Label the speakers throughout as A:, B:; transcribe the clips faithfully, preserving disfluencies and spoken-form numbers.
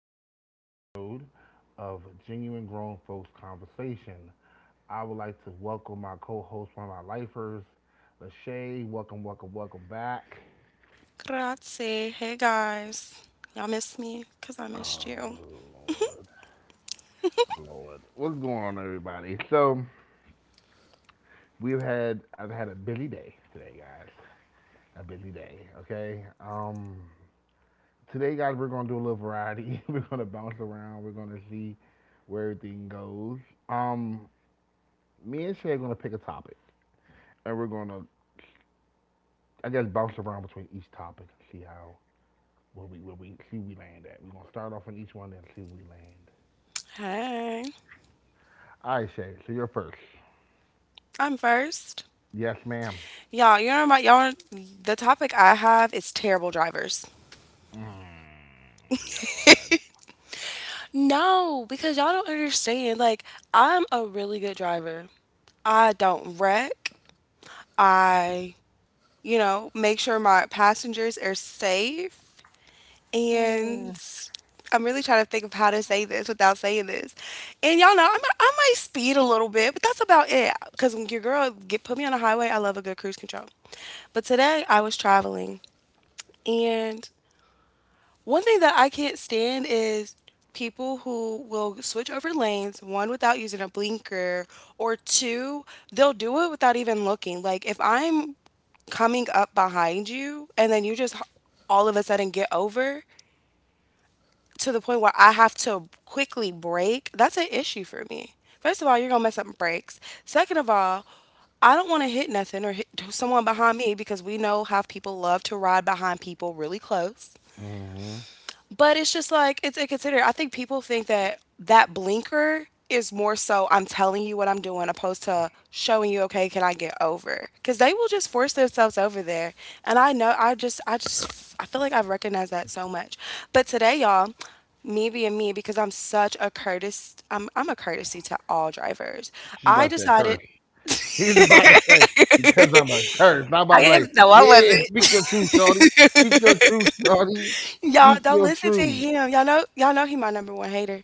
A: thirty-seventh episode of Genuine Grown Folks Conversation. I would like to welcome my co host, one of my lifers, Lachey. Welcome, welcome, welcome back.
B: Grazie. Hey guys. Y'all miss me? Cause I missed you.
A: Oh, Lord. Lord. What's going on, everybody? So, we've had, I've had a busy day today, guys. A busy day, okay? Um, today, guys, we're going to do a little variety. We're going to bounce around. We're going to see where everything goes. Um, Me and Shay are gonna pick a topic, and we're gonna, I guess, bounce around between each topic and see how where we where we see we land at. We're gonna start off in each one and see where we land.
B: Hey.
A: All right, Shay. So you're first.
B: I'm first.
A: Yes, ma'am.
B: Y'all, you know my y'all the topic I have is terrible drivers.
A: Mm, Lord.
B: No, because y'all don't understand. Like, I'm a really good driver. I don't wreck. I, you know, make sure my passengers are safe. And
A: Mm.
B: I'm really trying to think of how to say this without saying this. And y'all know I might, I might speed a little bit, but that's about it. Cause when your girl get put me on the highway, I love a good cruise control. But today I was traveling, and one thing that I can't stand is people who will switch over lanes one without using a blinker or two they'll do it without even looking like if I'm coming up behind you and then you just h- all of a sudden get over to the point where I have to quickly break. That's an issue for me. First of all, you're gonna mess up brakes. Second of all, I don't want to hit nothing or hit someone behind me because we know how people love to ride behind people really close.
A: Mm-hmm.
B: But it's just like it's inconsiderate. I think people think that that blinker is more so I'm telling you what I'm doing opposed to showing you okay, can I get over? Cuz they will just force themselves over there. And I know I just I just I feel like I've recognized that so much. But today, y'all, me being me because I'm such a courtesy I'm I'm a courtesy to all drivers.
A: She's
B: I
A: about to say a
B: decided
A: curse. She's about to say because I'm a curse. Not about to
B: I
A: be
B: am
A: like,
B: no, I
A: yeah, speak
B: wasn't.
A: your truth, Shorty. Speak your truth, Shorty.
B: Y'all
A: Speak
B: don't
A: your
B: listen to
A: truth.
B: him. Y'all know y'all know he my number one hater.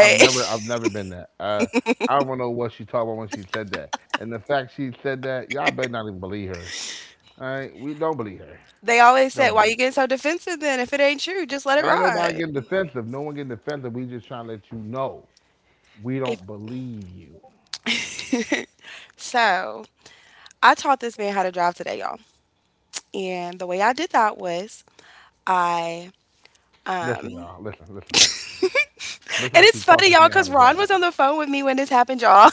A: I've never, I've never been that. Uh, I don't know what she talked about when she said that. And the fact she said that, y'all better not even believe her. All right, we don't believe her.
B: they always
A: Don't
B: said, "Why
A: believe
B: you getting so defensive then? If it ain't true, just let
A: her.
B: it
A: Ain't nobody
B: ride."
A: getting defensive. No one getting defensive. We just trying to let you know we
B: If
A: don't believe you.
B: so, I taught this man how to drive today, y'all. And the way I did that was I
A: Listen,
B: um
A: y'all. Listen, listen. Listen
B: and
A: how she
B: it's
A: taught
B: funny,
A: this
B: y'all,
A: man how
B: because
A: to
B: Ron was
A: drive.
B: on the phone with me when this happened, y'all.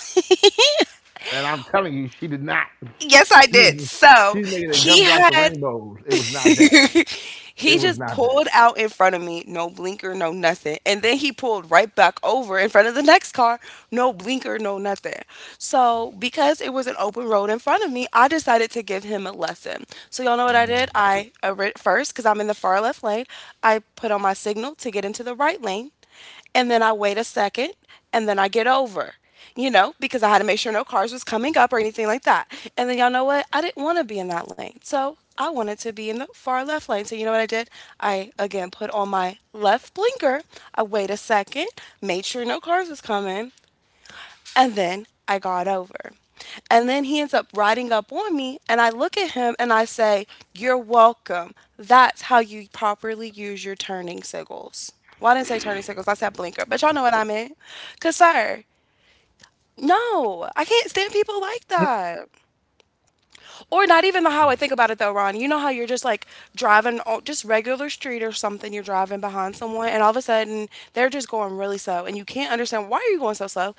A: And I'm telling you, she did not.
B: Yes, I did.
A: She's
B: So
A: she's making it
B: he
A: gumdrops to
B: had
A: rainbows. It was not that. It
B: he
A: was
B: just
A: not
B: pulled
A: that.
B: out in front of me, no blinker, no nothing. And then he pulled right back over in front of the next car, no blinker, no nothing. So, because it was an open road in front of me, I decided to give him a lesson. So, y'all know what I did?
A: Mm,
B: I, uh, ri- first, because I'm in the far left lane, I put on my signal to get into the right lane and then I wait a second and then I get over, you know, because I had to make sure no cars was coming up or anything like that. And then y'all know what? I didn't want to be in that lane. So I wanted to be in the far left lane. So you know what I did? I again put on my left blinker. I wait a second, made sure no cars was coming, and then I got over. And then he ends up riding up on me, and I look at him and I say, "You're welcome. That's how you properly use your turning signals." Well, I didn't say turning signals, I said blinker, but y'all know what I meant. Because, sir, no, I can't stand people like that. Or not even the how I think about it though, Ron. You know how you're just like driving on just regular street or something, you're driving behind someone and all of a sudden they're just going really slow and you can't understand why are you going so slow?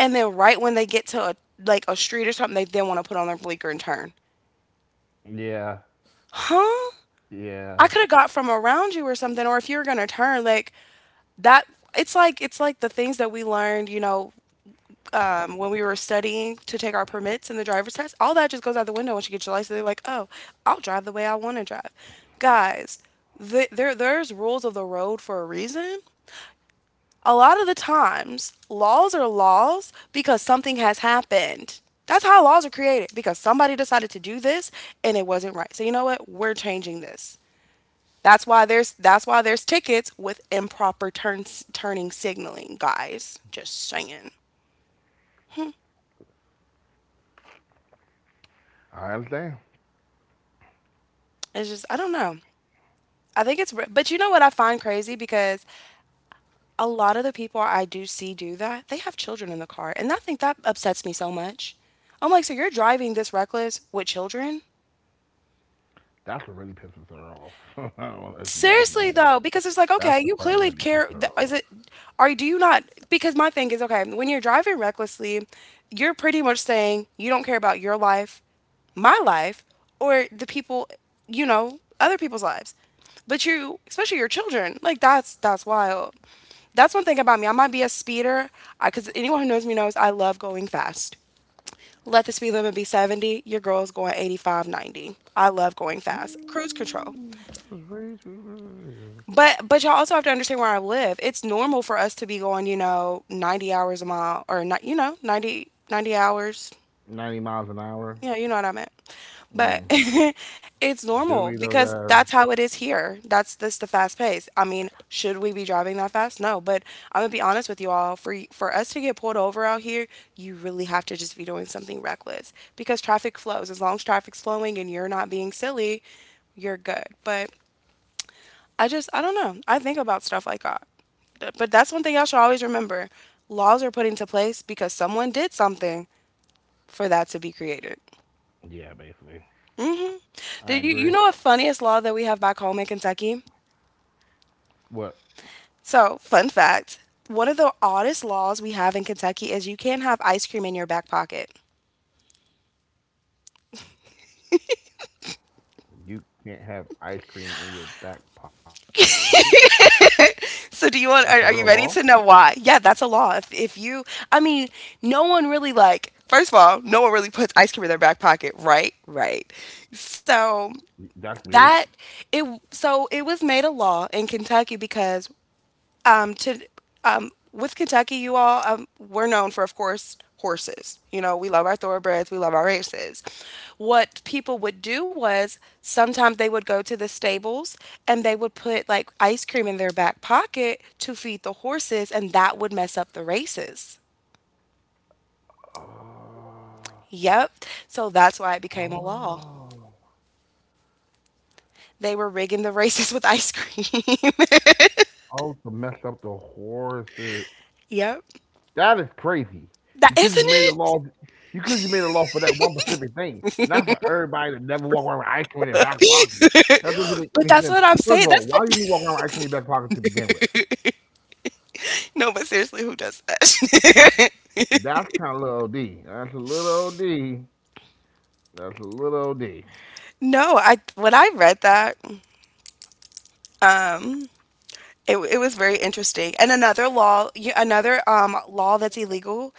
B: And then right when they get to a like a street or something, they then want to put on their blinker and turn.
A: yeah,
B: Huh? I
A: yeah.
B: could have got from around you or something, or if you were gonna turn, like that it's like it's like the things that we learned, you know, um, when we were studying to take our permits and the driver's test, all that just goes out the window once you get your license. They're like, oh, I'll drive the way I want to drive. Guys, th there there's rules of the road for a reason. A lot of the times, laws are laws because something has happened. That's how laws are created because somebody decided to do this and it wasn't right. So you know what? We're changing this. That's why there's that's why there's tickets with improper turns turning signaling, guys. Just saying.
A: I understand.
B: It's just I don't know. I think it's, re- but you know what I find crazy because a lot of the people I do see do that, they have children in the car. And I think that upsets me so much. I'm like, so you're driving this reckless with children?
A: That's what really pisses her off. I want to let you guys
B: Seriously
A: know that.
B: though, because it's like,
A: That's
B: okay,
A: the
B: you
A: part that
B: clearly
A: really pisses
B: care. th-
A: her
B: Is
A: off.
B: it, are you, do you not? Because my thing is, okay, when you're driving recklessly, you're pretty much saying you don't care about your life, my life, or the people, you know, other people's lives. But you, especially your children, like that's that's wild. That's one thing about me. I might be a speeder, because anyone who knows me knows I love going fast. Let the speed limit be seventy, your girl's going eighty-five, ninety. I love going fast. Cruise control.
A: Mm, just way too fast.
B: But but y'all also have to understand where I live. It's normal for us to be going, you know, ninety hours a mile or not, you know, 90 90 hours.
A: ninety miles an hour.
B: Yeah, you know what I meant. But
A: Mm.
B: it's
A: Do
B: normal
A: we though,
B: because
A: guys?
B: that's how it is here. That's this the fast pace. I mean, should we be driving that fast? No, but I'm gonna be honest with you all. For y- for us to get pulled over out here, you really have to just be doing something reckless because traffic flows. As long as traffic's flowing and you're not being silly, you're good. But I just, I don't know. I think about stuff like that. But that's one thing y'all should always remember. Laws are put into place because someone did something for that to be created.
A: Yeah, basically.
B: Do
A: I
B: you, you
A: agree.
B: know a funniest law that we have back home in Kentucky?
A: What?
B: So, fun fact one of the oddest laws we have in Kentucky is you can't have ice cream in your back pocket.
A: You can't have ice cream in your back pocket? That's a real
B: So,
A: law?
B: do you want, are, are you ready to know why? Yeah, that's a law. If, if you, I mean, no one really like, first of all, no one really puts ice cream in their back pocket, right? Right. So,
A: That's weird.
B: that it so it was made a law in Kentucky because um to um with Kentucky you all, um, we're known for of course horses. You know, we love our thoroughbreds, we love our races. What people would do was sometimes they would go to the stables and they would put like ice cream in their back pocket to feed the horses and that would mess up the races.
A: Oh.
B: Yep. So that's why it became a law.
A: Oh.
B: They were rigging the races with ice cream.
A: Oh, to mess up the horses.
B: Yep.
A: That is crazy.
B: That
A: You could just
B: isn't
A: made a
B: it?
A: law. You could just made a law for that one specific thing, not for everybody to never walk around with ice cream in their back pocket. That doesn't make
B: But
A: any
B: that's
A: sense.
B: what I'm
A: First of
B: saying.
A: all,
B: That's
A: why
B: what
A: do you need to walk around with ice cream in your back pocket to begin with?
B: no, but seriously, who does that?
A: That's kind of little O D. That's a little O D. That's a little O D.
B: No, I when I read that, um, it it was very interesting. And another law, y- another um law that's illegal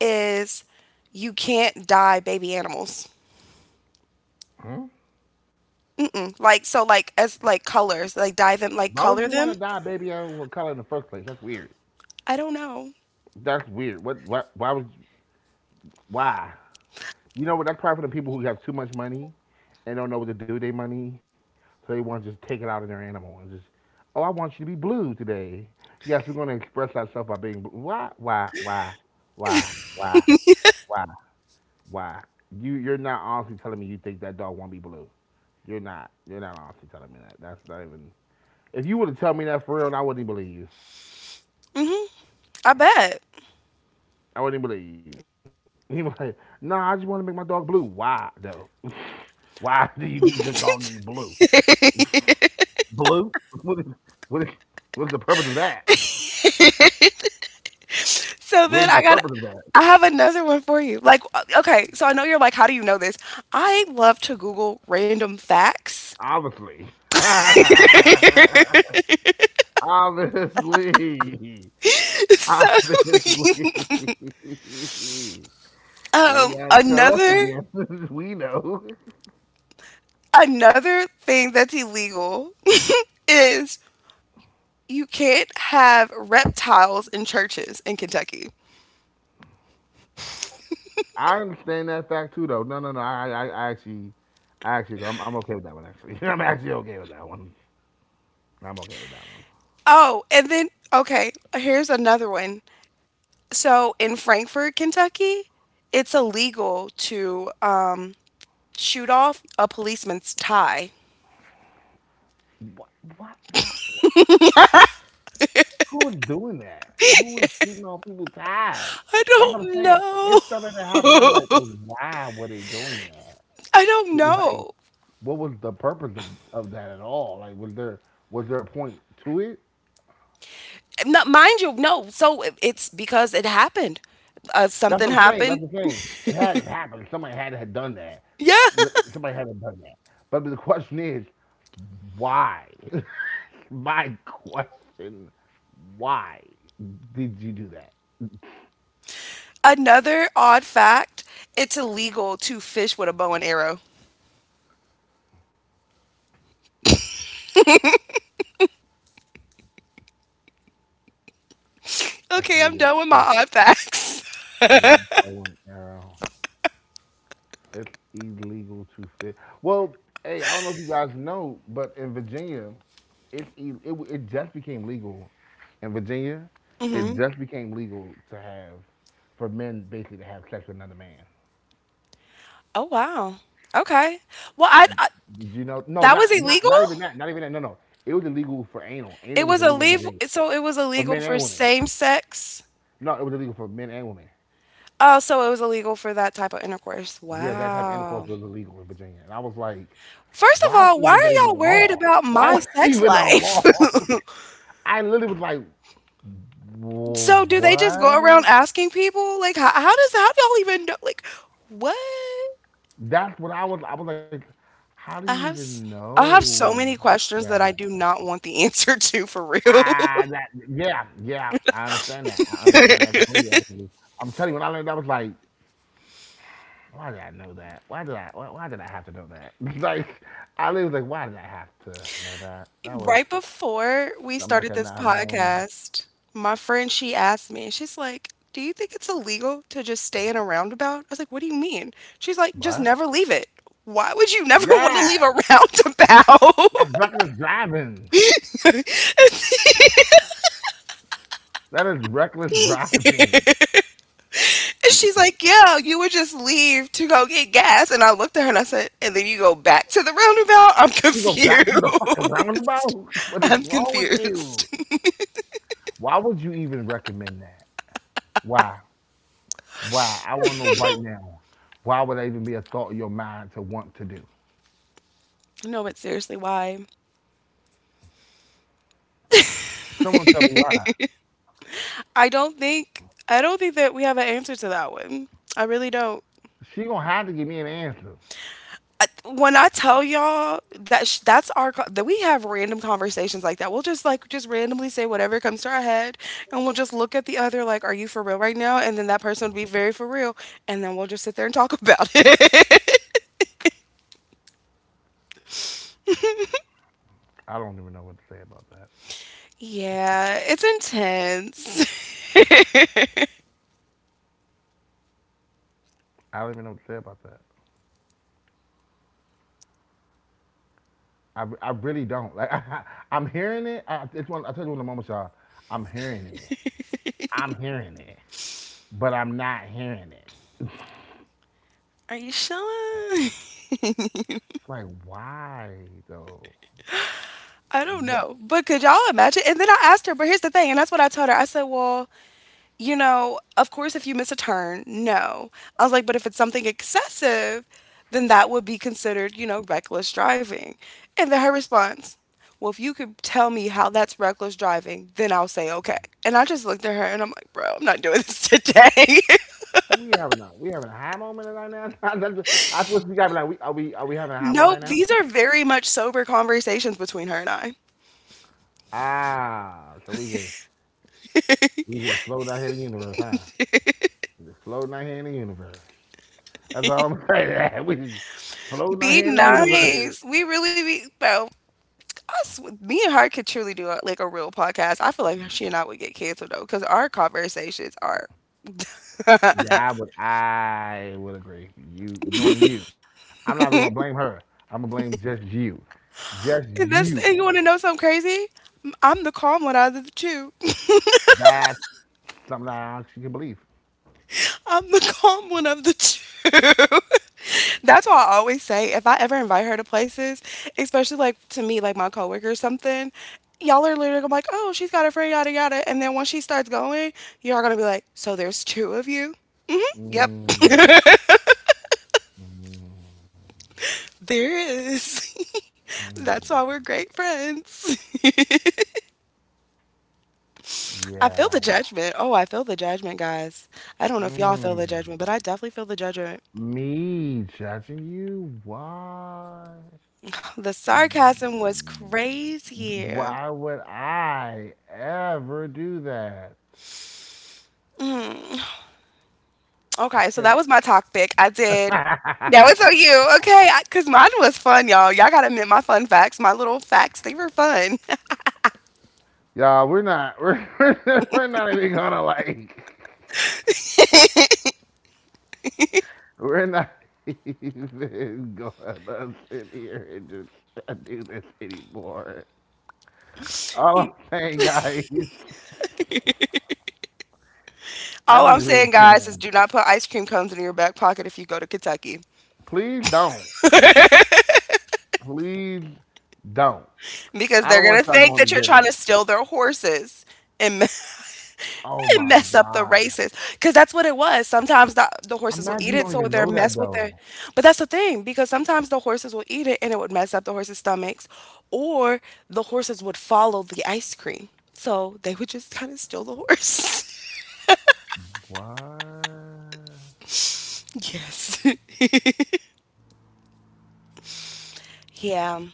B: is you can't dye baby animals.
A: Hmm?
B: Mm-mm. Like so, like as like colors, like dye them, like
A: Why would
B: color
A: you want to
B: them.
A: dye baby out with color in the first place? That's weird.
B: I don't know.
A: That's weird. What? What? Why would? Why? You know what? That's probably for the people who have too much money and don't know what to do with their money. So they want to just take it out on their animal and just, oh, I want you to be blue today. Yes, we're going to express ourselves by being blue. Why, why, why, why, why, why, why? You, you're not honestly telling me you think that dog won't be blue. You're not. You're not honestly telling me that. That's not even. If you would have told me that for real, I wouldn't even believe you.
B: Hmm. I bet.
A: I wouldn't even believe you. You like, no, nah, I just want to make my dog blue. Why though? Why do you need your dog to be blue? Blue? What is what is what is the purpose of that?
B: So
A: What is
B: then
A: the
B: I got
A: purpose of that?
B: I have another one for you. Like uh, okay, so I know you're like how do you know this? I love to Google random facts.
A: Obviously. Obviously.
B: So
A: Obviously. You ain't
B: um
A: gotta tell us
B: another
A: again. We know.
B: another thing that's illegal is you can't have reptiles in churches in Kentucky.
A: I understand that fact too, though. No, no, no. I, I, I actually, I actually, I'm, I'm okay with that one. Actually, I'm actually okay with that one. I'm okay with that one.
B: Oh, and then okay, here's another one. So in Frankfort, Kentucky, it's illegal to um shoot off a policeman's tie.
A: What? What? What? What? Who is doing that? Who is was shooting on people's eyes?
B: I
A: That's what I'm
B: don't
A: saying. It's stuff that happened. I'm like,
B: know.
A: well, why were they doing that?
B: I don't
A: Like,
B: know.
A: what was the purpose of, of that at all? Like, was there was there a point to it?
B: Not, mind you, no. So it- it's because it happened. Uh,
A: That's
B: something
A: what I'm saying. That's
B: happened.
A: what I'm saying. It had to happen. Somebody had to have done that.
B: Yeah.
A: L- Somebody had to have done that. But the question is, why? My question, why did you do that?
B: Another odd fact it's illegal to fish with a bow and arrow.
A: That's
B: Okay, I'm
A: illegal
B: done with my
A: to fish
B: odd facts.
A: with a bow and arrow. It's illegal to fit. Well, hey, I don't know if you guys know, but in Virginia, it it, it, it just became legal in Virginia. It
B: Hmm.
A: just became legal to have for men basically to have sex with another man.
B: Oh, wow. Okay. Well, I, I
A: Did you know? No,
B: that was
A: not not
B: illegal?
A: not even that. Not even that. No, no. It was illegal for anal.
B: It
A: Anal was
B: was
A: illegal in
B: illegal.
A: Virginia
B: So it was
A: for
B: illegal
A: men
B: for
A: and women.
B: same sex.
A: No, it was illegal for men and women.
B: Oh, so it was illegal for that type of intercourse.
A: Yeah, that type of intercourse
B: Wow.
A: was illegal in Virginia, and I was like,
B: First of
A: why
B: all, why
A: was that
B: are
A: even a
B: y'all worried
A: law?
B: about
A: Why
B: my
A: was that
B: sex
A: even a
B: life?
A: law? I literally was like, "Wha-
B: So do they just go around
A: what?
B: asking people like how, how does how do y'all even know like what?
A: That's what I was. I was like, how do you
B: I have
A: even
B: s- I have
A: know
B: so many questions that
A: that?
B: I do not want the answer to for real.
A: Ah, that yeah, yeah. I understand that. I understand that completely. Actually, I'm telling you, when I learned, that, I was like, why did I know that? Why did I? Why, why did I have to know that? Like, I was like, why did I have to know that? That was
B: Right before we
A: something I
B: started
A: could
B: this
A: not have known.
B: podcast, my friend, she asked me, she's like, "Do you think it's illegal to just stay in a roundabout?" I was like, "What do you mean?" She's like, "Just
A: But
B: never leave it. Why would you never want to
A: yeah,
B: leave a
A: that's
B: roundabout?"
A: reckless driving. That is reckless driving.
B: And she's like, "Yeah, you would just leave to go get gas." And I looked at her and I said, "And then you go back to the roundabout? I'm
A: You go back to the fucking
B: confused."
A: roundabout. What is
B: I'm
A: wrong with
B: confused.
A: you? Why would you even recommend that? Why? I want to know right now. Why would that even be a thought in your mind to want to do?
B: No, but seriously, why?
A: Someone tell me why.
B: I don't think I don't think that we have an answer to that one. I really don't.
A: She gonna have to give me an answer.
B: I, when I tell y'all that sh- that's our co- that we have random conversations like that. We'll just like just randomly say whatever comes to our head, and we'll just look at the other like, "Are you for real right now?" And then that person would be very for real, and then we'll just sit there and talk about it.
A: I don't even know what to say about that.
B: Yeah, it's intense.
A: I don't even know what to say about that. I, I really don't. Like I am hearing it. I, it's one. I told you in the moment, y'all. I'm hearing it. I'm hearing it, but I'm not hearing it.
B: Are you sure?
A: It's like why though?
B: I don't
A: Wh-
B: know. But could y'all imagine? And then I asked her, but here's the thing, and that's what I told her. I said, well, you know, of course, if you miss a turn, no. I was like, but if it's something excessive, then that would be considered, you know, reckless driving. And then her response, well, if you could tell me how that's reckless driving, then I'll say okay. And I just looked at her and I'm like, bro, I'm not doing this today.
A: We having a we having a high moment right now. That's what I supposed to be like. We, are we Are we having a high moment right
B: Nope,
A: now?
B: these are very much sober conversations between her and I.
A: Ah, so we just We just floating out here in the universe, huh? We just floating out here in the universe. That's all I'm saying. We just floating out
B: Be
A: here in the universe.
B: nice. We really be, bro. Us, me and her could truly do a, like a real podcast. I feel like she and I would get canceled though, because our conversations are
A: Yeah, but I would agree. You knowing you. I'm not even gonna blame her. I'm gonna blame just you. Just
B: and that's
A: you.
B: and you want to know something crazy? M- I'm the calm one out of the two.
A: That's something that I actually can believe.
B: I'm the calm one of the two. That's why I always say if I ever invite her to places, especially like to meet like my coworker or something, y'all are literally gonna be like, oh, she's got a friend, yada yada. And then once she starts going, you all gonna be like, so there's two of you? Yep,
A: Mm, mm,
B: there is. That's why
A: mm,
B: we're great friends. I feel the
A: yeah.
B: judgment. Oh, I feel the judgment, guys. I don't know if y'all feel the
A: Mm.
B: judgment, but I definitely feel the judgment.
A: Me judging you? Why?
B: The sarcasm was crazy.
A: Why would I ever do that?
B: Mm. Okay, so
A: I
B: that was my topic. I did. Now it's
A: can't.
B: on you, okay? Because mine was fun, y'all. Y'all gotta admit my fun facts, my little facts. They were fun.
A: Y'all, we're not. We're, we're are not even gonna like. We're not even gonna sit here and just do this anymore. All I'm saying, guys, I
B: All I'm
A: just really
B: saying, guys, is
A: can't.
B: do not put ice cream cones in your back pocket if you go to Kentucky
A: Please don't. Please don't.
B: because
A: I
B: they're
A: don't want
B: gonna
A: y'all
B: think
A: going
B: that
A: to
B: you're trying to
A: jail.
B: steal their horses and
A: Oh
B: and
A: my
B: mess up the
A: god.
B: races because that's what it was. Sometimes the, the horses will
A: Imagine
B: eat
A: you
B: it,
A: don't
B: so
A: even
B: they're
A: know that
B: mess with their.
A: though.
B: But that's the thing because sometimes the horses will eat it and it would mess up the horses' stomachs, or the horses would follow the ice cream, so they would just kind of steal the horse.
A: What?
B: Yes. Yeah,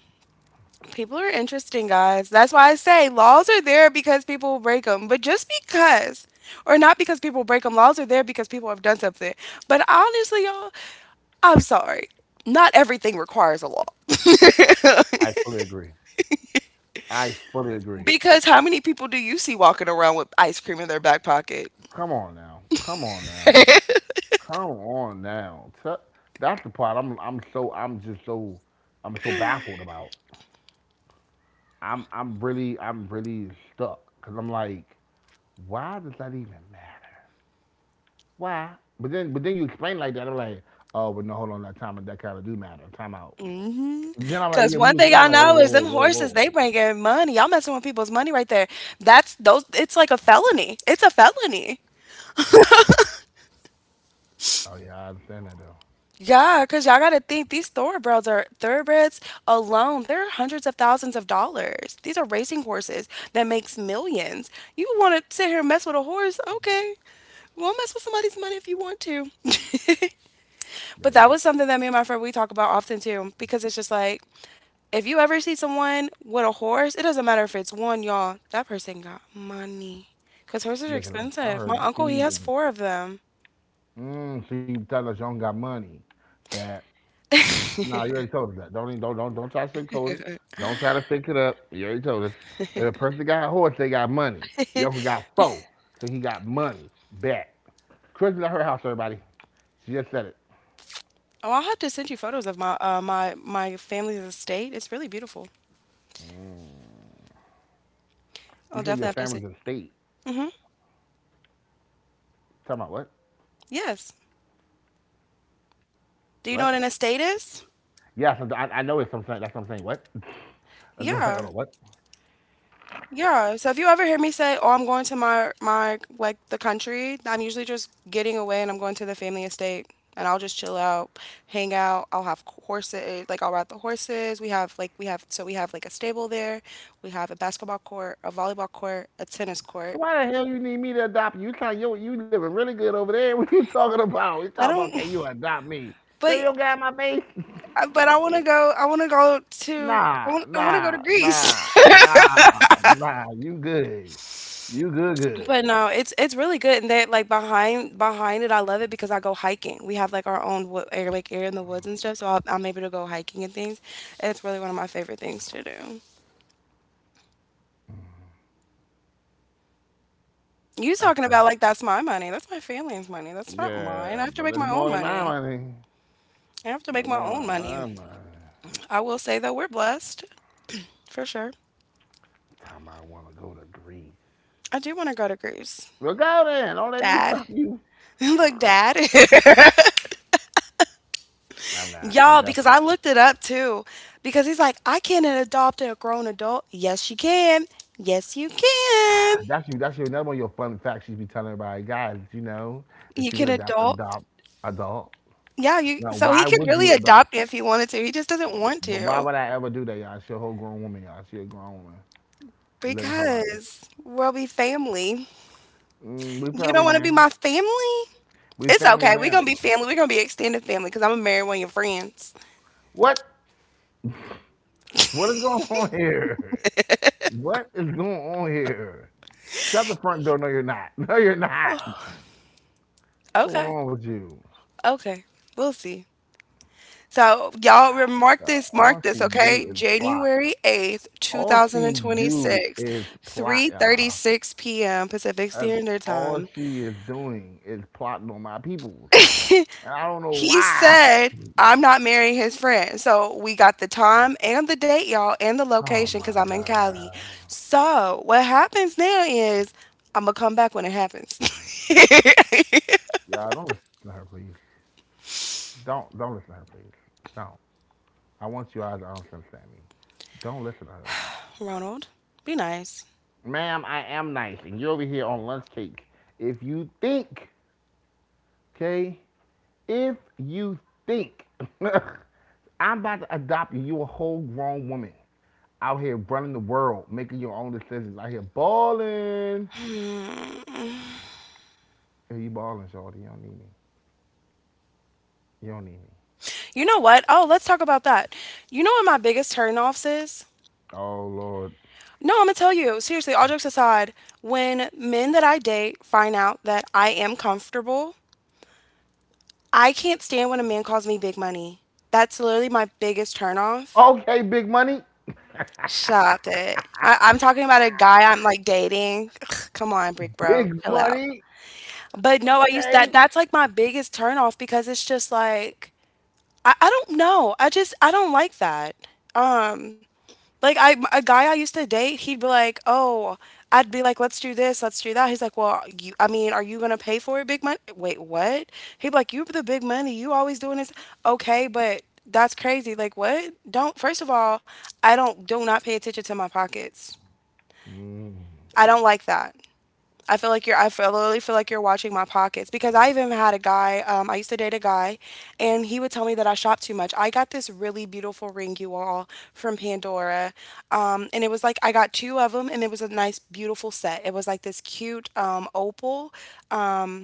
B: people are interesting, guys. That's why I say laws are there because people break them. But just because, or not because people break them, laws are there because people have done something. But honestly, y'all, I'm sorry. Not everything requires a law.
A: I fully agree. I fully agree.
B: Because how many people do you see walking around with ice cream in their back pocket?
A: Come on now. Come on now. Come on now. Te- That's the part I'm I'm so I'm just so I'm so baffled about. I'm I'm really I'm really stuck cuz I'm like why does that even matter? Why? But then but then you explain like that I'm like oh but no hold on that time that kind of do matter. Time out.
B: Mm-hmm.
A: Then I'm like
B: Cause
A: yeah when
B: one
A: you
B: thing
A: explain
B: I
A: like oh
B: know
A: whoa
B: is
A: whoa
B: them
A: whoa
B: horses
A: whoa.
B: they bring in money. Y'all messing with people's money right there. That's those. It's like a felony. It's a felony.
A: Oh yeah I understand that though.
B: Yeah, cause y'all gotta think these thoroughbreds are thoroughbreds alone. They're hundreds of thousands of dollars. These are racing horses that makes millions. You want to sit here and mess with a horse? Okay, well mess with somebody's money if you want to. But that
A: Yeah.
B: was something that me and my friend we talk about often too, because it's just like if you ever see someone with a horse, it doesn't matter if it's one, y'all. That person got money, cause horses are
A: Yeah, 'cause I I
B: expensive. My
A: heard the
B: uncle he
A: feed.
B: has four of them.
A: Mm, so you tell us you don't got money. Bad. Nah, you already told us that. Don't even- don't don't don't try to sugarcoat it. Don't try to fake it up. You already told us. If a person got a horse, they got money. Your uncle got four, so he got money. Bet. Christmas at her house, everybody. She just said it.
B: Oh, I'll have to send you photos of my uh, my my family's estate. It's really beautiful. I'll
A: You say
B: definitely
A: your
B: have to send.
A: family's in state.
B: Mm-hmm.
A: Talking about what?
B: Yes. Do you
A: What?
B: know what an estate is?
A: Yeah, so I, I know it's something. That's what I'm saying. What? That's what I'm like, hold
B: Yeah.
A: on, what?
B: Yeah, so if you ever hear me say, "Oh, I'm going to my my like the country," I'm usually just getting away and I'm going to the family estate and I'll just chill out, hang out. I'll have horses, like I'll ride the horses. We have like we have so we have like a stable there. We have a basketball court, a volleyball court, a tennis
A: So
B: court.
A: why the hell you need me to adopt you? You trying you you living really good over there? What you talking about? You
B: I
A: talking about
B: don't,
A: can you adopt me?
B: but
A: Girl, you don't got my baby.
B: but I want to go. I want to go to. I
A: Nah,
B: want. I want to go to
A: nah,
B: Greece.
A: nah, nah, nah. You good. You good, good.
B: But no, it's it's really good, and that like behind behind it, I love it because I go hiking. We have like our own wood, air, like air in the woods and stuff, so I'll, I'm able to go hiking and things. It's really one of my favorite things to do. You talking
A: Okay.
B: about like that's my money, that's my family's money, that's not mine. I
A: Yeah,
B: have to
A: but
B: make
A: it's
B: my own
A: more than my
B: money.
A: money.
B: I have to
A: It's
B: make my
A: more
B: own
A: than my
B: money.
A: money.
B: I will say though, we're blessed for sure.
A: Time I want to go to Greece.
B: I do want to go to Greece,
A: Well, go then. Don't let me
B: Dad.
A: stop you.
B: Look, Dad.
A: I'm not. I'm
B: Y'all, because
A: definitely.
B: I looked it up too. Because he's like, I can't adopt a grown adult. Yes, you can. Yes, you can.
A: That's you. That's your another one of your fun facts you be telling everybody, guys. You know that
B: You
A: you
B: can
A: can adopt
B: adopt.
A: adopt adult.
B: Yeah, you.
A: Now,
B: So he
A: why
B: could
A: would
B: really
A: you adopt?
B: adopt if he wanted to. He just doesn't want
A: But why
B: to
A: would I ever do that, y'all? She a whole grown woman, y'all. She a grown woman living her life.
B: because we'll be family.
A: Mm, we
B: You don't
A: probably
B: want to
A: now.
B: be my family?
A: We
B: It's
A: family
B: okay. We're gonna
A: now.
B: be family. We're gonna be extended family because I'm gonna marry one of your friends.
A: What? What is going on here? What is going on here? Shut the front door. No, you're not. No, you're not. What's going
B: Okay.
A: on with you?
B: Okay. We'll see. So y'all re- mark
A: Uh,
B: this,
A: all
B: mark
A: she
B: this, okay?
A: do is plot.
B: January
A: All she
B: 8th,
A: do
B: 2026,
A: is plot, y'all.
B: three thirty-six p m. Pacific
A: That's
B: Standard
A: all
B: Time.
A: she is doing is plotting on my peoples. And I don't know
B: He
A: why.
B: said, "I'm not marrying his friend." So we got the time and the date, y'all, and the
A: Oh
B: location cuz
A: my
B: I'm in Cali.
A: god.
B: So what happens now is I'm gonna come back when it happens.
A: Y'all don't listen to her, please. Don't don't listen to her, please. Don't. I want you guys to understand me. Don't listen to her.
B: Ronald, be nice.
A: Ma'am, I am nice, and you're over here on lunch cake. If you think, okay, if you think I'm about to adopt you, you a whole grown woman out here running the world, making your own decisions, out here balling. Hey, you balling, shorty? You don't need me. You don't need me.
B: You know what? Oh, let's talk about that. You know what my biggest turnoffs is?
A: Oh Lord.
B: No, I'm gonna tell you, seriously, all jokes aside, when men that I date find out that I am comfortable, I can't stand when a man calls me big money. That's literally my biggest turnoff.
A: Okay, big money.
B: Stop it. I, I'm talking about a guy I'm like dating. Ugh, come on, Brick Bro,
A: Big
B: chill out.
A: money.
B: But no, I use that.
A: Okay.
B: That's like my biggest turnoff because it's just like I, I don't know. I just I don't like that. Um, Like I a guy I used to date, he'd be like, "Oh, I'd be like, let's do this, let's do that." He's like, "Well, you I mean, are you going to pay for it big money?" Wait, what? He'd be like, "You are the big money. You always doing this." Okay, but that's crazy. Like, what? Don't first of all, I don't do not pay attention to my pockets.
A: Mm.
B: I don't like that. I feel like you're. I feel, literally feel like you're watching my pockets because I even had a guy. Um, I used to date a guy, and he would tell me that I shop too much. I got this really beautiful ring, you all, from Pandora, um, and it was like I got two of them, and it was a nice, beautiful set. It was like this cute um, opal. Um,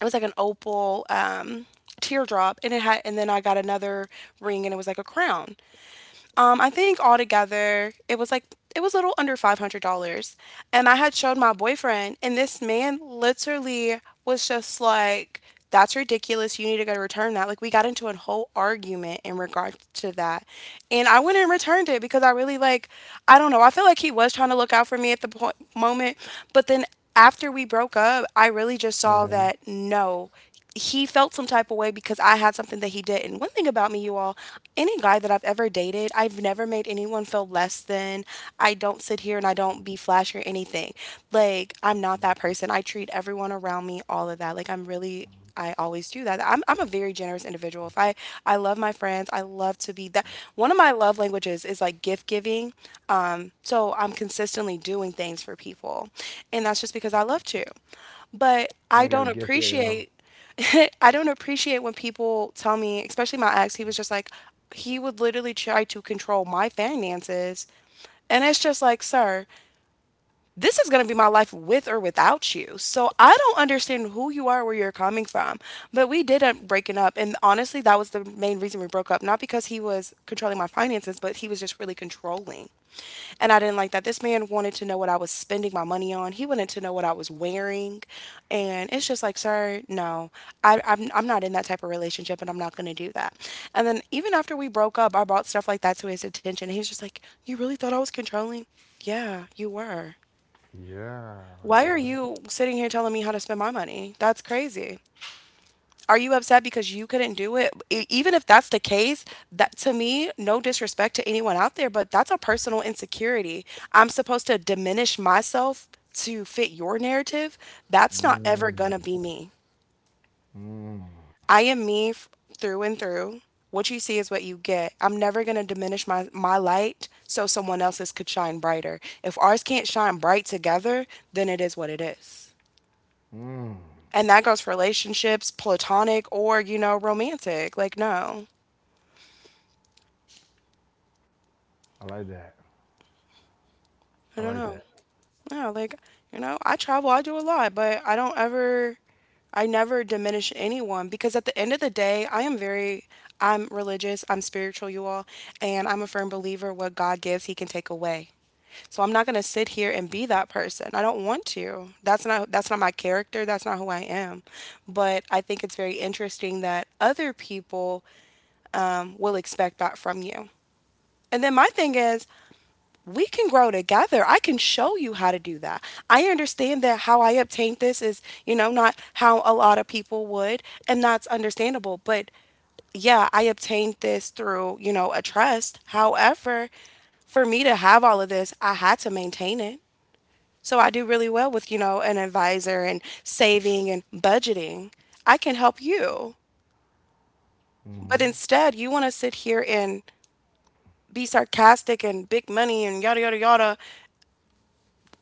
B: it was like an opal. Um, teardrop and it had and then I got another ring and it was like a crown um, I think altogether it was like it was a little under five hundred dollars, and I had showed my boyfriend, and this man literally was just like, "That's ridiculous. You need to go to return that." Like we got into a whole argument in regard to that, and I went and returned it because I really like I don't know. I feel like he was trying to look out for me at the point moment, but then after we broke up, I
A: Hmm.
B: really just saw that no he felt some type of way because I had something that he didn't. One thing about me, you all, any guy that I've ever dated, I've never made anyone feel less than. I don't sit here and I don't be flash or anything. Like, I'm not that person. I treat everyone around me all of that. Like, I'm really. I always do that. I'm, I'm a very generous individual. If I I love my friends, I love to be that. One of my love languages is like gift giving. Um, so I'm consistently doing things for people, and that's just because I love to.
A: I ain't
B: But
A: got a
B: I
A: gift yet,
B: don't
A: y'all.
B: appreciate I don't appreciate when people tell me, especially my ex, he was just like he would literally try to control my finances. And it's just like, sir, this is going to be my life with or without you. So I don't understand who you are, where you're coming from. But we did end up breaking up. And honestly, that was the main reason we broke up. Not because he was controlling my finances, but he was just really controlling. And I didn't like that. This man wanted to know what I was spending my money on. He wanted to know what I was wearing. And it's just like, sir, no, I, I'm, I'm not in that type of relationship and I'm not going to do that. And then even after we broke up, I brought stuff like that to his attention. He was just like, "You really thought I was controlling?" Yeah, you were.
A: Yeah, my
B: Why are
A: boy.
B: you sitting here telling me how to spend my money? That's crazy. Are you upset because you couldn't do it? E- Even if that's the case, that to me, no disrespect to anyone out there, but that's a personal insecurity. I'm supposed to diminish myself to fit your narrative. That's not ever gonna
A: Mmm.
B: be me.
A: Mmm.
B: I am me f- through and through. What you see is what you get. I'm never gonna diminish my my light so someone else's could shine brighter. If ours can't shine bright together, then it is what it is.
A: Mm.
B: And that goes for relationships, platonic or, you know, romantic. Like, no.
A: I like that.
B: I
A: I
B: don't
A: like
B: know.
A: that.
B: No, like, you know, I travel, I do a lot, but I don't ever, I never diminish anyone because at the end of the day, I am very, I'm religious, I'm spiritual, you all, and I'm a firm believer what God gives, He can take away. So I'm not going to sit here and be that person. I don't want to. That's not, that's not my character. That's not who I am. But I think it's very interesting that other people um, will expect that from you. And then my thing is, we can grow together. I can show you how to do that. I understand that how I obtained this is, you know, not how a lot of people would, and that's understandable. But yeah, I obtained this through, you know, a trust. However, for me to have all of this, I had to maintain it. So I do really well with, you know, an advisor and saving and budgeting. I can help you. But
A: Hmm.
B: instead, you want to sit here and be sarcastic and big money and yada, yada, yada.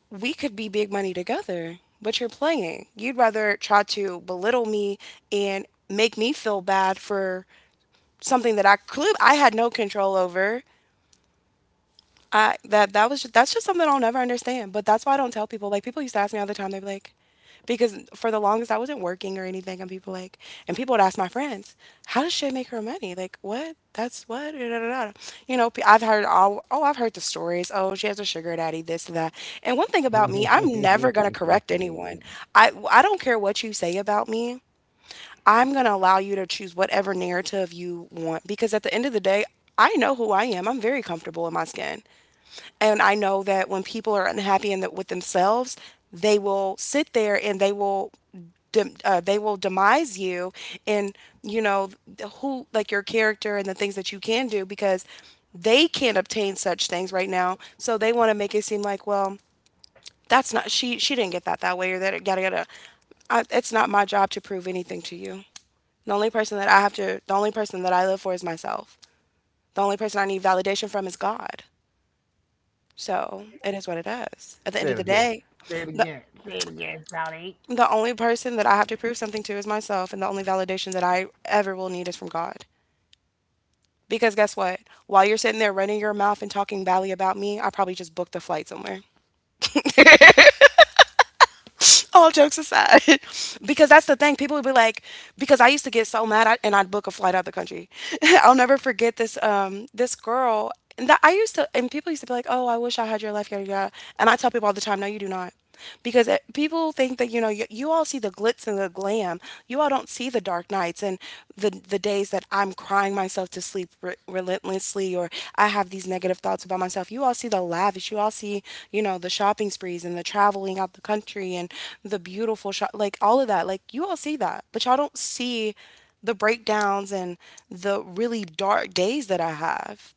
B: We could be big money together, but you're playing. You'd rather try to belittle me and make me feel bad for something that I could I had no control over. I that that was just, that's just something I'll never understand. But that's why I don't tell people. Like, people used to ask me all the time. They'd be like, because for the longest I wasn't working or anything, and people like, and people would ask my friends, how does Shay make her money? Like what? That's what? Da, da, da, da. You know, pe- I've heard all. Oh, I've heard the stories. Oh, she has a sugar daddy. This and that. And one thing about me, I'm never gonna correct anyone. I I don't care what you say about me. I'm going to allow you to choose whatever narrative you want because at the end of the day, I know who I am. I'm very comfortable in my skin. And I know that when people are unhappy in the, with themselves, they will sit there and they will dem uh, they will demise you and you know the who like your character and the things that you can do because they can't obtain such things right now. So they want to make it seem like, well, that's not she she didn't get that that way or that yada yada. I, it's not my job to prove anything to you. The only person that I have to, the only person that I live for is myself. The only person I need validation from is God. So, it is what it
A: Say it
B: is. At the
A: again.
B: end of the
A: Say
B: day,
A: it again.
B: the
A: Say it again, Shawty.
B: the only person that I have to prove something to is myself, and the only validation that I ever will need is from God. Because guess what? While you're sitting there running your mouth and talking badly about me, I probably just booked a flight somewhere. All jokes aside, because that's the thing. People would be like, because I used to get so mad, I, and I'd book a flight out of the country. I'll never forget this um this girl and that I used to, and people used to be like, oh, I wish I had your life, yada yada. And I tell people all the time, no, you do not. Because it, people think that you know you, you all see the glitz and the glam, you all don't see the dark nights, and often the the days that I'm crying myself to sleep re- relentlessly or I have these negative thoughts about myself. You all see the lavish, you all see, you know, the shopping sprees and the traveling out the country and the beautiful shop, like all of that. Like, you all see that, but y'all don't see the breakdowns and the really dark days that I have.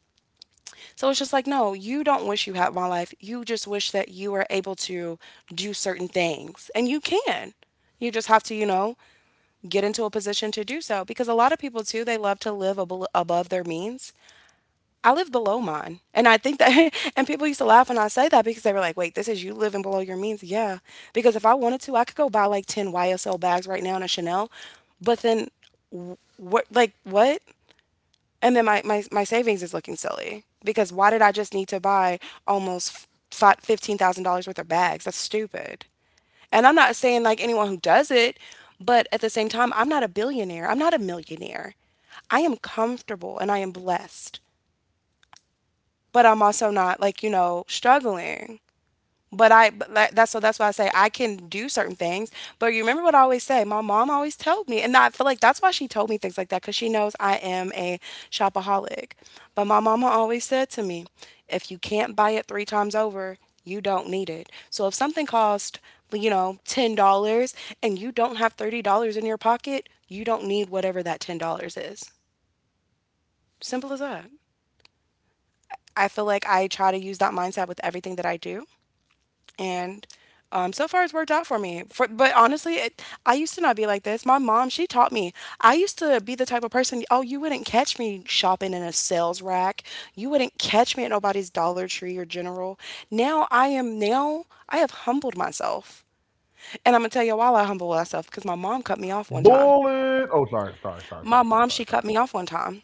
B: So it's just like, no, you don't wish you had my life. You just wish that you were able to do certain things. And you can. You just have to, you know, get into a position to do so. Because a lot of people, too, they love to live ab- above their means. I live below mine. And I think that, and people used to laugh when I say that because they were like, wait, this is you living below your means? Yeah. Because if I wanted to, I could go buy like ten Y S L bags right now and a Chanel. But then, what, like, what? And then my, my, my savings is looking silly because why did I just need to buy almost fi- fifteen thousand dollars worth of bags? That's stupid. And I'm not saying like anyone who does it, but at the same time, I'm not a billionaire. I'm not a millionaire. I am comfortable and I am blessed, but I'm also not like, you know, struggling. But I but that- that's so that's why I say I can do certain things. But you remember what I always say. My mom always told me, and I feel like that's why she told me things like that because she knows I am a shopaholic. But my mama always said to me, if you can't buy it three times over, you don't need it. So if something cost, you know, ten dollars and you don't have thirty dollars in your pocket, you don't need whatever that ten dollars is. Simple as that. I feel like I try to use that mindset with everything that I do. And um, so far it's worked out for me. For, but honestly, it, I used to not be like this. My mom, she taught me. I used to be the type of person, oh, you wouldn't catch me shopping in a sales rack. You wouldn't catch me at nobody's Dollar Tree or General. Now I am now I have humbled myself, and I'm gonna tell you why I humbled myself because my mom cut me off one time.
A: Bullet. Oh, sorry, sorry, sorry,
B: My
A: sorry, sorry,
B: mom,
A: sorry,
B: she cut
A: sorry,
B: me
A: sorry.
B: off one time,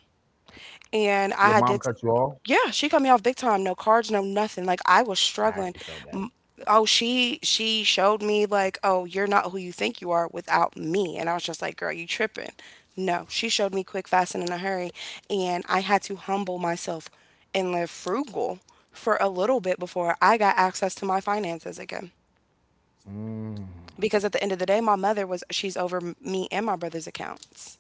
B: and I
A: Your
B: had
A: mom
B: did.
A: cut you off.
B: Yeah, she cut me off big time. No cards, no nothing. Like, I was
A: I
B: struggling.
A: actually felt that.
B: M- Oh, she she showed me like, "Oh, you're not who you think you are without me." And I was just like, "Girl, you tripping." No, she showed me quick, fast, and in a hurry, and I had to humble myself and live frugal for a little bit before I got access to my finances again.
A: Mm.
B: Because at the end of the day, my mother was she's over m- me and my brother's accounts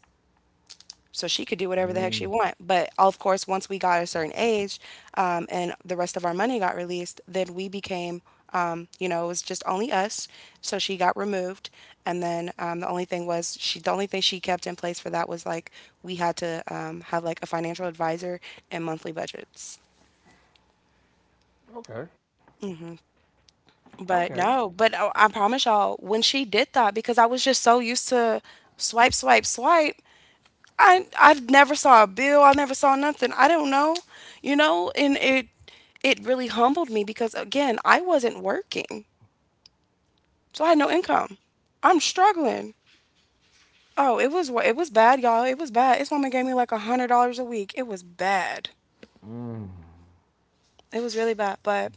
B: so she could do whatever the heck she
A: Mm.
B: want. But of course, once we got a certain age, um, and the rest of our money got released, then we became, um, you know, it was just only us. So she got removed, and then um, the only thing was she. The only thing she kept in place for that was like we had to, um, have like a financial advisor and monthly budgets.
A: Okay. Okay.
B: But no, but I, I promise y'all, when she did that, because I was just so used to swipe, swipe, swipe, I I never saw a bill. I never saw nothing. I don't know, you know, and it it really humbled me because again, I wasn't working, so I had no income. I'm struggling. Oh, it was wa- it was bad, y'all. It was bad. This woman gave me like a hundred dollars a week. It was bad.
A: Mm.
B: It was really bad, but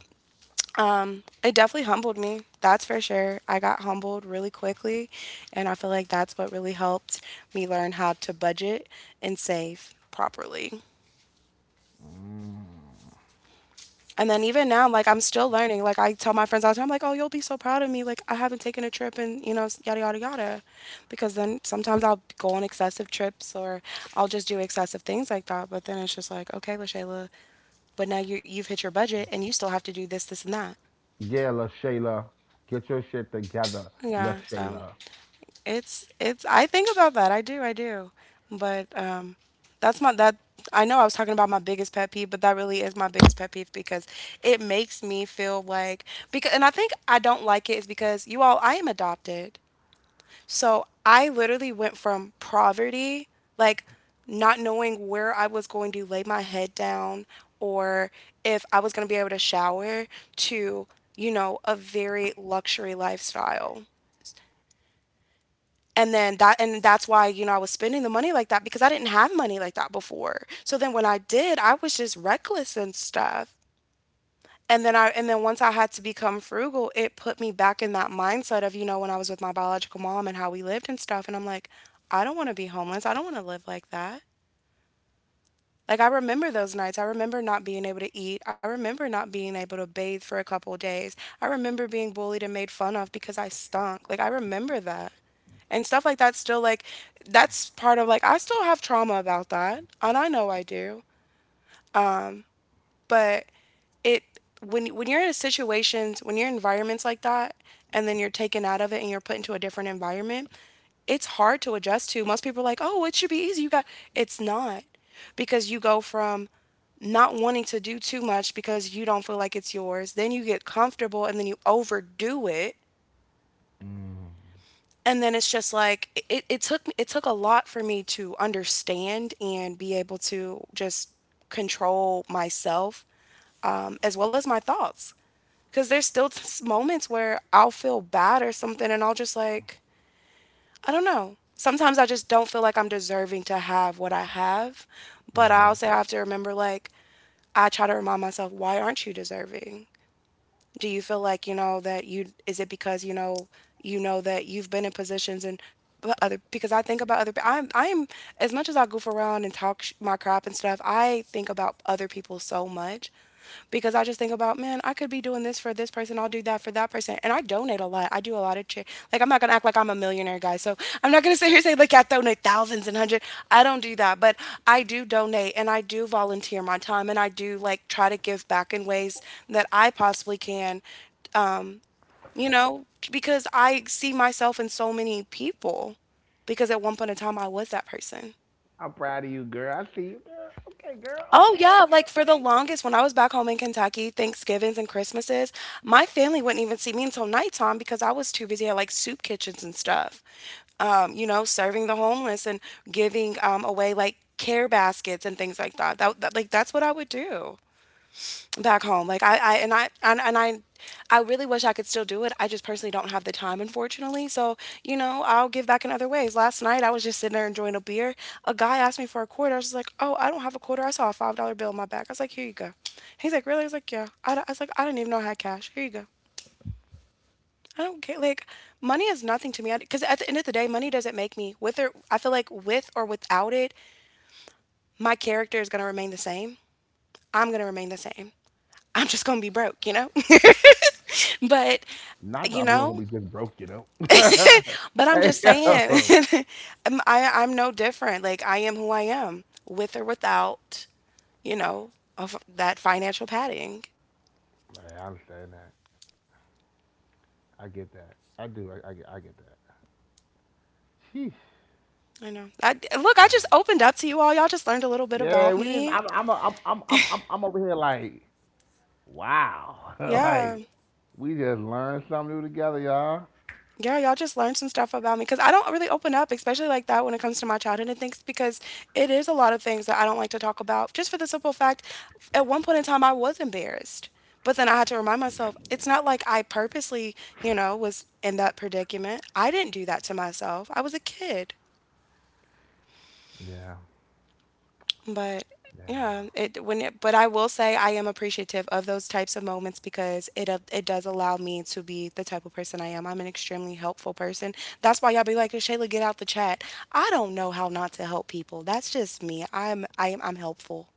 B: um, it definitely humbled me. That's for sure. I got humbled really quickly, and I feel like that's what really helped me learn how to budget and save properly.
A: Mm.
B: And then even now, like, I'm still learning. Like, I tell my friends all the time, like, "Oh, you'll be so proud of me. Like, I haven't taken a trip, and you know, yada yada yada." Because then sometimes I'll go on excessive trips, or I'll just do excessive things like that. But then it's just like, okay, Lashayla, but now you you've hit your budget, and you still have to do this, this, and that.
A: Yeah, LaShayla. Get your shit together,
B: Yeah. So
A: LaShayla.
B: It's it's I think about that. I do, I do. But um that's my that I know I was talking about my biggest pet peeve, but that really is my biggest pet peeve because it makes me feel like because and I think I don't like it is because you all, I am adopted. So I literally went from poverty, like, not knowing where I was going to lay my head down or if I was going to be able to shower to, you know, a very luxury lifestyle. And then that, and that's why, you know, I was spending the money like that because I didn't have money like that before. So then when I did, I was just reckless and stuff. And then i and then once I had to become frugal, it put me back in that mindset of, you know, when I was with my biological mom and how we lived and stuff. And I'm like, I don't want to be homeless, I don't want to live like that. Like, I remember those nights, I remember not being able to eat, I remember not being able to bathe for a couple of days, I remember being bullied and made fun of because I stunk. Like, I remember that and stuff like that still. Like, that's part of, like, I still have trauma about that, and I know I do. But it when when you're in situations, when you're in environments like that, and then you're taken out of it and you're put into a different environment, it's hard to adjust to. Most people are like, oh, it should be easy, you got it's not. Because you go from not wanting to do too much because you don't feel like it's yours, then you get comfortable, and then you overdo it.
A: Mm.
B: And then it's just like it, it- it took it took a lot for me to understand and be able to just control myself, um, as well as my thoughts. Because there's still s- moments where I'll feel bad or something, and I'll just, like, I don't know, sometimes I just don't feel like I'm deserving to have what I have. But I
A: Mm-hmm.
B: also have to remember, like, I try to remind myself, why aren't you deserving? Do you feel like, you know, that you is it because, you know, you know that you've been in positions? And but other because I think about other pe- I'm I'm as much as I goof around and talk sh- my crap and stuff, I think about other people so much, because I just think about, man, I could be doing this for this person, I'll do that for that person. And I donate a lot. I do a lot of charity. Like, I'm not gonna act like I'm a millionaire, guys. So I'm not gonna sit here and say like I donate thousands and hundreds. I don't do that, but I do donate, and I do volunteer my time, and I do, like, try to give back in ways that I possibly can, you know, because I see myself in so many people. Because at one point in time, I was that person.
A: I'm proud of you, girl. I see you, girl. Okay, girl.
B: Oh,
A: Okay,
B: yeah,
A: okay,
B: like, for the
A: okay.
B: longest, when I was back home in Kentucky, Thanksgivings and Christmases, my family wouldn't even see me until nighttime because I was too busy at, like, soup kitchens and stuff, um, you know, serving the homeless and giving, um, away, like, care baskets and things like that. That that like, that's what I would do back home. Like I, I and I and, and I I really wish I could still do it. I just personally don't have the time, unfortunately. So, you know, I'll give back in other ways. Last night I was just sitting there enjoying a beer. A guy asked me for a quarter. I was like, "Oh, I don't have a quarter. I saw a five dollar bill in my bag." I was like, "Here you go." He's like, "Really?" I was like, "Yeah. I, I was like, I didn't even know I had cash. Here you go." I don't care. Like, money is nothing to me. Because at the end of the day, money doesn't make me. With or I feel like with or without it, my character is gonna remain the same. I'm gonna remain the same. I'm just gonna be broke, you know. But
A: Not that
B: you
A: I'm gonna
B: know,
A: be just broke, you know.
B: but I'm
A: Hey,
B: just saying,
A: yo.
B: I'm- I I'm no different. Like, I am who I am, with or without, you know, of that financial padding.
A: Man, I understand that. I get that. I do. I, I, get- I get that. Sheesh,
B: I know. I, look, I
A: man.
B: just opened up to you all. Y'all just learned a little bit
A: Yeah,
B: about
A: we didn't.
B: me.
A: I'm, I'm, I'm, I'm, I'm, I'm I'm over here like, wow, like
B: Yeah.
A: we just learned something new together, y'all.
B: Yeah, y'all just learned some stuff about me because I don't really open up, especially like that when it comes to my childhood and things, because it is a lot of things that I don't like to talk about. Just for the simple fact, at one point in time, I was embarrassed. But then I had to remind myself, it's not like I purposely, you know, was in that predicament. I didn't do that to myself. I was a kid.
A: Yeah,
B: But
A: yeah.
B: yeah, it when it but I will say I am appreciative of those types of moments because it a- it does allow me to be the type of person I am. I'm an extremely helpful person. That's why y'all be like, "Shayla, get out the chat." I don't know how not to help people. That's just me. I'm I am I'm helpful.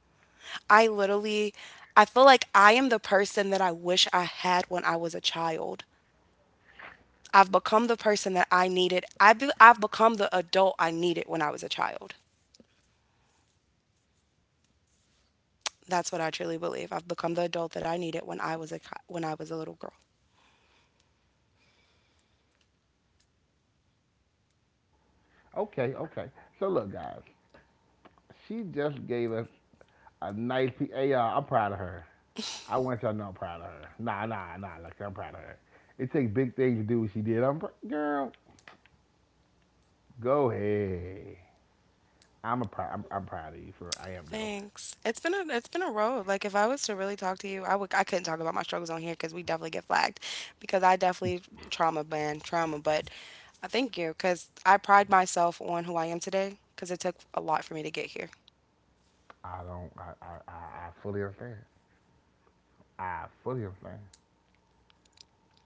B: I literally I feel like I am the person that I wish I had when I was a child. I've become the person that I needed. I be, I've become the adult I needed when I was a child. That's what I truly believe. I've become the adult that I needed when I was a co- when I was a little girl.
A: Okay, okay. So look, guys, she just gave us a nice. P- hey, y'all, I'm proud of her. I want y'all to know I'm proud of her. Nah, nah, nah. Like I'm proud of her. It takes big things to do what she did. I'm pr- girl. Go ahead. I'm a prou- I'm, I'm proud of you for I am though.
B: Thanks. It's been a it's been a road. Like, if I was to really talk to you, I would I couldn't talk about my struggles on here because we definitely get flagged because I definitely trauma ban trauma. But I thank you because I pride myself on who I am today because it took a lot for me to get here.
A: I don't I I, I, I fully understand. I fully understand.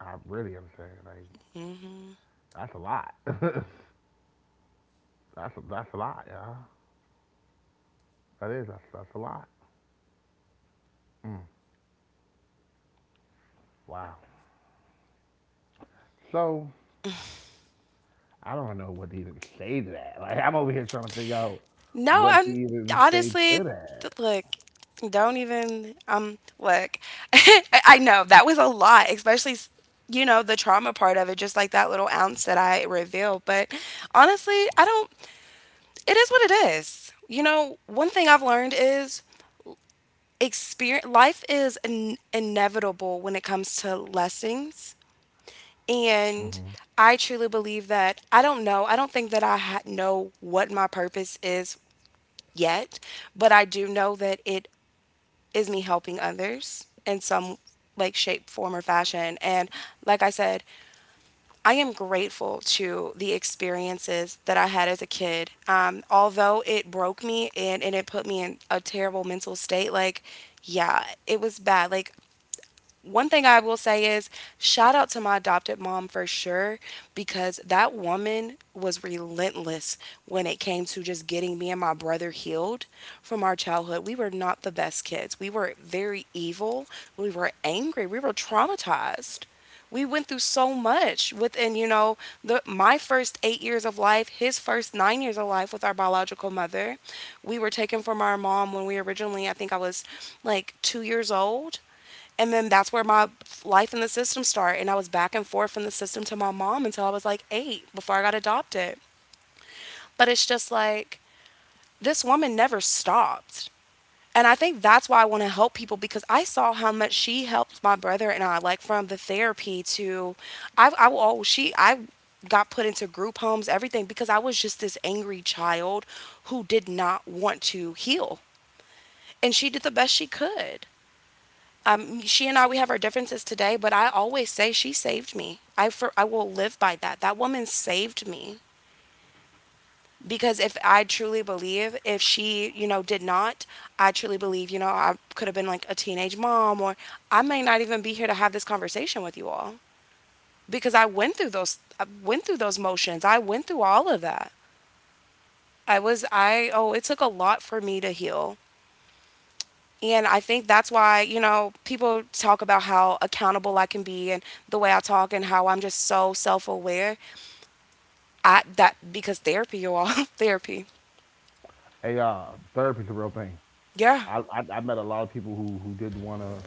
A: I really understand. Like
B: Mm-hmm.
A: that's a lot. that's a, that's a lot, y'all. That is that's that's a lot. Mm, wow. So I don't know what to even say to that. Like I'm over here trying to figure out
B: No,
A: what
B: I'm
A: to even say
B: honestly,
A: to that.
B: th- look, don't even, um, look, I I know that was a lot, especially, s- you know, the trauma part of it, just like that little ounce that I revealed. But honestly, I don't, it is what it is. You know, one thing I've learned is experience, life is in- inevitable when it comes to lessons. And
A: Hmm.
B: I truly believe that. I don't know. I don't think that I ha- know what my purpose is yet, but I do know that it is me helping others in some, like, shape, form, or fashion. And like I said, I am grateful to the experiences that I had as a kid. Um, although it broke me, and, and it put me in a terrible mental state, like, yeah, it was bad. Like, one thing I will say is shout out to my adopted mom for sure, because that woman was relentless when it came to just getting me and my brother healed from our childhood. We were not the best kids. We were very evil. We were angry. We were traumatized. We went through so much within, you know, the my first eight years of life, his first nine years of life with our biological mother. We were taken from our mom when we originally, I think I was like two years old, and then that's where my life in the system started. And I was back and forth from the system to my mom until I was like eight before I got adopted. But it's just like, this woman never stopped. And I think that's why I want to help people, because I saw how much she helped my brother and I, like, from the therapy to, I, I oh, she, I got put into group homes, everything, because I was just this angry child who did not want to heal. And she did the best she could. Um, she and I, we have our differences today, but I always say she saved me. I, for, I will live by that. That woman saved me because if I truly believe, if she, you know, did not, I truly believe, you know, I could have been like a teenage mom, or I may not even be here to have this conversation with you all because I went through those, I went through those motions. I went through all of that. I was, I, oh, It took a lot for me to heal. And I think that's why, you know, people talk about how accountable I can be, and the way I talk, and how I'm just so self aware. I that because therapy, you all. Therapy.
A: Hey, uh, therapy's a real thing.
B: Yeah.
A: I, I I met a lot of people who who did wanna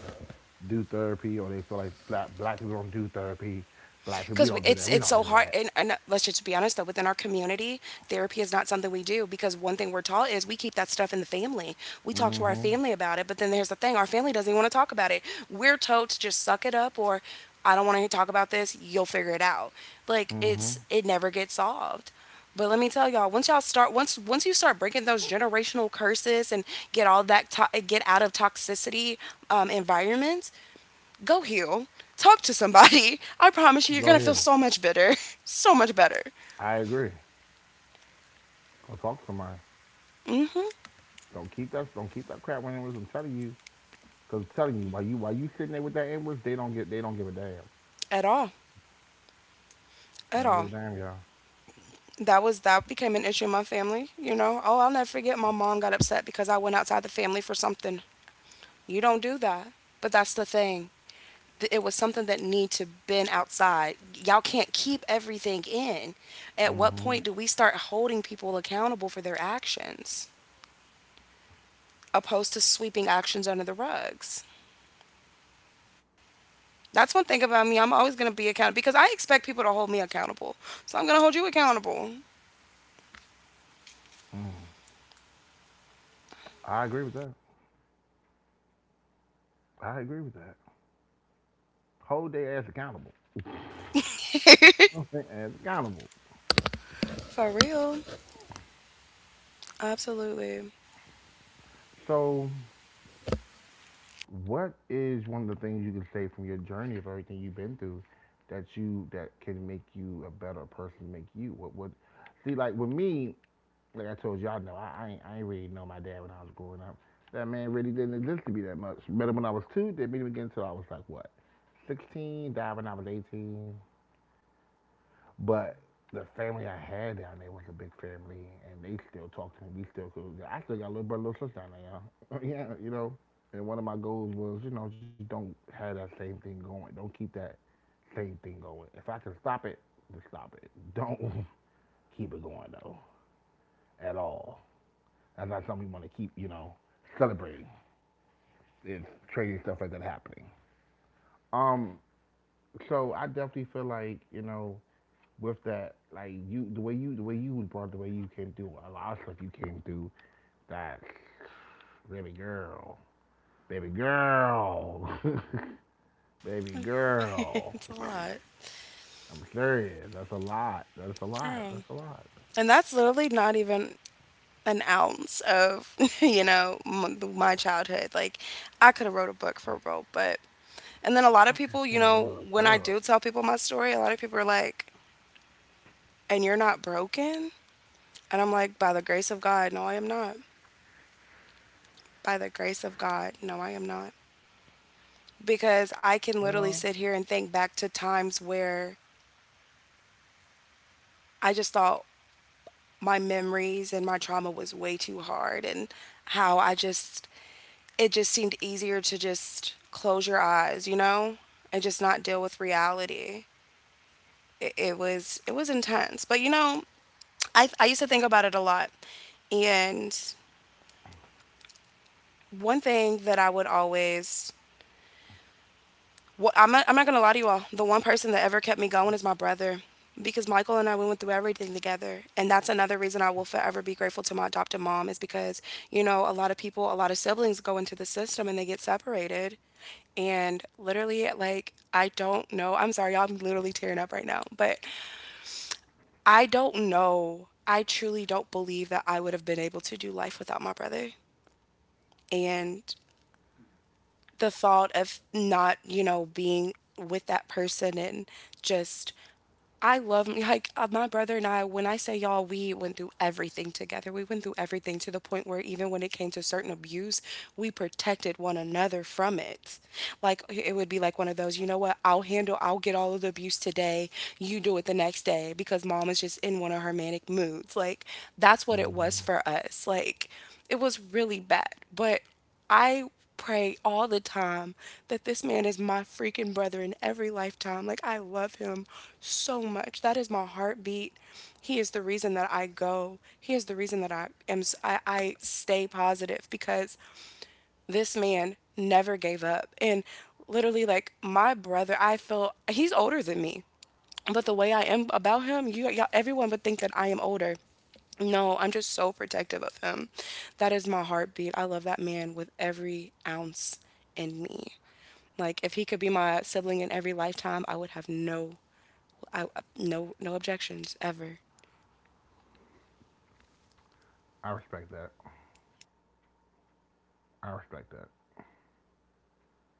A: do therapy or they feel like black black people don't do therapy. Black people we
B: Because
A: don't do
B: it's
A: that. We
B: it's
A: don't
B: so
A: do
B: hard.
A: that.
B: And, and uh, let's just be honest though, within our community, therapy is not something we do, because one thing we're taught is we keep that stuff in the family. We talk to our
A: Mhm.
B: family about it, but then there's the thing: our family doesn't even want to talk about it. We're told to just suck it up, or I don't want to talk about this. You'll figure it out. Like, it's
A: Mhm.
B: it never gets solved. But let me tell y'all, once y'all start, once once you start breaking those generational curses and get all that, to- get out of toxicity um, environments, go heal. Talk to somebody. I promise you, you're
A: Go
B: gonna feel
A: heal.
B: so much better. So much better.
A: I agree. Go talk to somebody.
B: Mm hmm
A: Don't keep that don't keep that crap when it was I'm telling you. Cause I'm telling you, while you while you sitting there with that inwards, they don't get they don't give a damn.
B: At all.
A: They
B: At
A: don't
B: all.
A: give a damn, y'all.
B: That was that became an issue in my family, you know. Oh, I'll never forget, my mom got upset because I went outside the family for something. You don't do that. But that's the thing. Th- It was something that need to been outside. Y'all can't keep everything in. At what
A: Mhm.
B: point do we start holding people accountable for their actions, opposed to sweeping actions under the rugs? That's one thing about me. I'm always gonna be accountable, because I expect people to hold me accountable. So I'm gonna hold you accountable.
A: Mm. I agree with that. I agree with that. Hold their ass accountable. Hold their ass accountable.
B: For real. Absolutely.
A: So what is one of the things you can say from your journey of everything you've been through that you that can make you a better person, make you? What what? See, like with me, like I told y'all, no, I, I ain't I ain't really know my dad when I was growing up. That man really didn't exist to me that much. Met him when I was two, did didn't meet him again until I was like what, sixteen. Died when I was eighteen. But the family I had down there was a big family, and they still talk to me. We still cool. I still got a little brother, little sister down there, y'all. Yeah, you know. And one of my goals was, you know, just don't have that same thing going. Don't keep that same thing going. If I can stop it, then stop it. Don't keep it going though, at all. That's not something we want to keep, you know, celebrating. It's crazy stuff like that happening. Um, so I definitely feel like, you know, with that, like you, the way you, the way you was brought, the way you came through, a lot of stuff you came through. That baby girl, baby girl, baby girl.
B: It's a lot.
A: I'm serious. That's a lot. That's a lot.
B: Girl.
A: That's a lot.
B: And that's literally not even an ounce of, you know, m- my childhood. Like, I could have wrote a book for real, but. And then a lot of
A: I
B: people, you
A: could have
B: know,
A: wrote a
B: when I do
A: book.
B: tell people my story, a lot of people are like, and you're not broken? And I'm like, by the grace of God, no, I am not. By the grace of God, no, I am not. Because I can
A: You
B: literally
A: know.
B: sit here and think back to times where I just thought my memories and my trauma was way too hard, and how I just it just seemed easier to just close your eyes, you know, and just not deal with reality. It, it was it was intense, but you know, I I used to think about it a lot. And one thing that I would always Wha I'm not, I'm not gonna lie to you all. The one person that ever kept me going is my brother, because Michael and I, we went through everything together. And that's another reason I will forever be grateful to my adopted mom, is because, you know, a lot of people, a lot of siblings go into the system and they get separated, and literally, like, I don't know. I'm sorry, y'all, I'm literally tearing up right now, but I don't know. I truly don't believe that I would have been able to do life without my brother, and the thought of not, you know, being with that person, and just I love me like uh, my brother and I. When I say y'all, we went through everything together. We went through everything to the point where even when it came to certain abuse, we protected one another from it. Like, it would be like one of those, you know what? I'll handle. I'll get all of the abuse today. You do it the next day, because mom is just in one of her manic moods. Like, that's what it was
A: Hmm.
B: for us. Like, it was really bad, but I pray all the time that this man is my freaking brother in every lifetime. Like, I love him so much. That is my heartbeat. He is the reason that I go. He is the reason that I am, s- I, I stay positive because this man never gave up. And literally, like, my brother, I feel he's older than me. But the way I am about him, you, y'all, everyone would think that I am older. No, I'm just so protective of him. That is my heartbeat. I love that man with every ounce in me. Like, if he could be my sibling in every lifetime, I would have no I, no no objections ever.
A: I respect that. I respect that.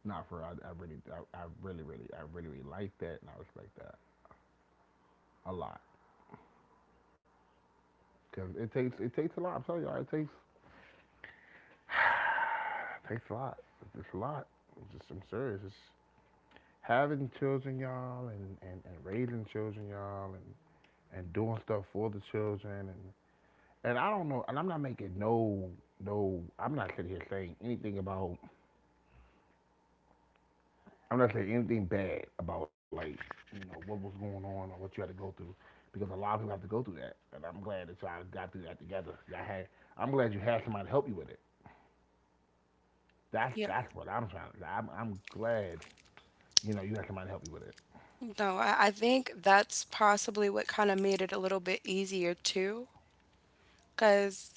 A: Not for I, I really, I, I really, really, I really, really like that, and I respect that a lot. Cause it takes, it takes a lot. I'm telling y'all, it takes it takes a lot. It's a lot. I'm just I'm serious. It's having children, y'all, and, and, and raising children, y'all, and, and doing stuff for the children, and and I don't know, and I'm not making no no. I'm not sitting here saying anything about. I'm not saying anything bad about like you know what was going on or what you had to go through, because a lot of people have to go through that, and I'm glad that y'all got through that together. Y'all had. I'm glad you had somebody to help you with it. That's
B: Yeah.
A: that's what I'm trying. To I'm I'm glad you know you had somebody to help you with it.
B: No, I, I think that's possibly what kind of made it a little bit easier too. Because,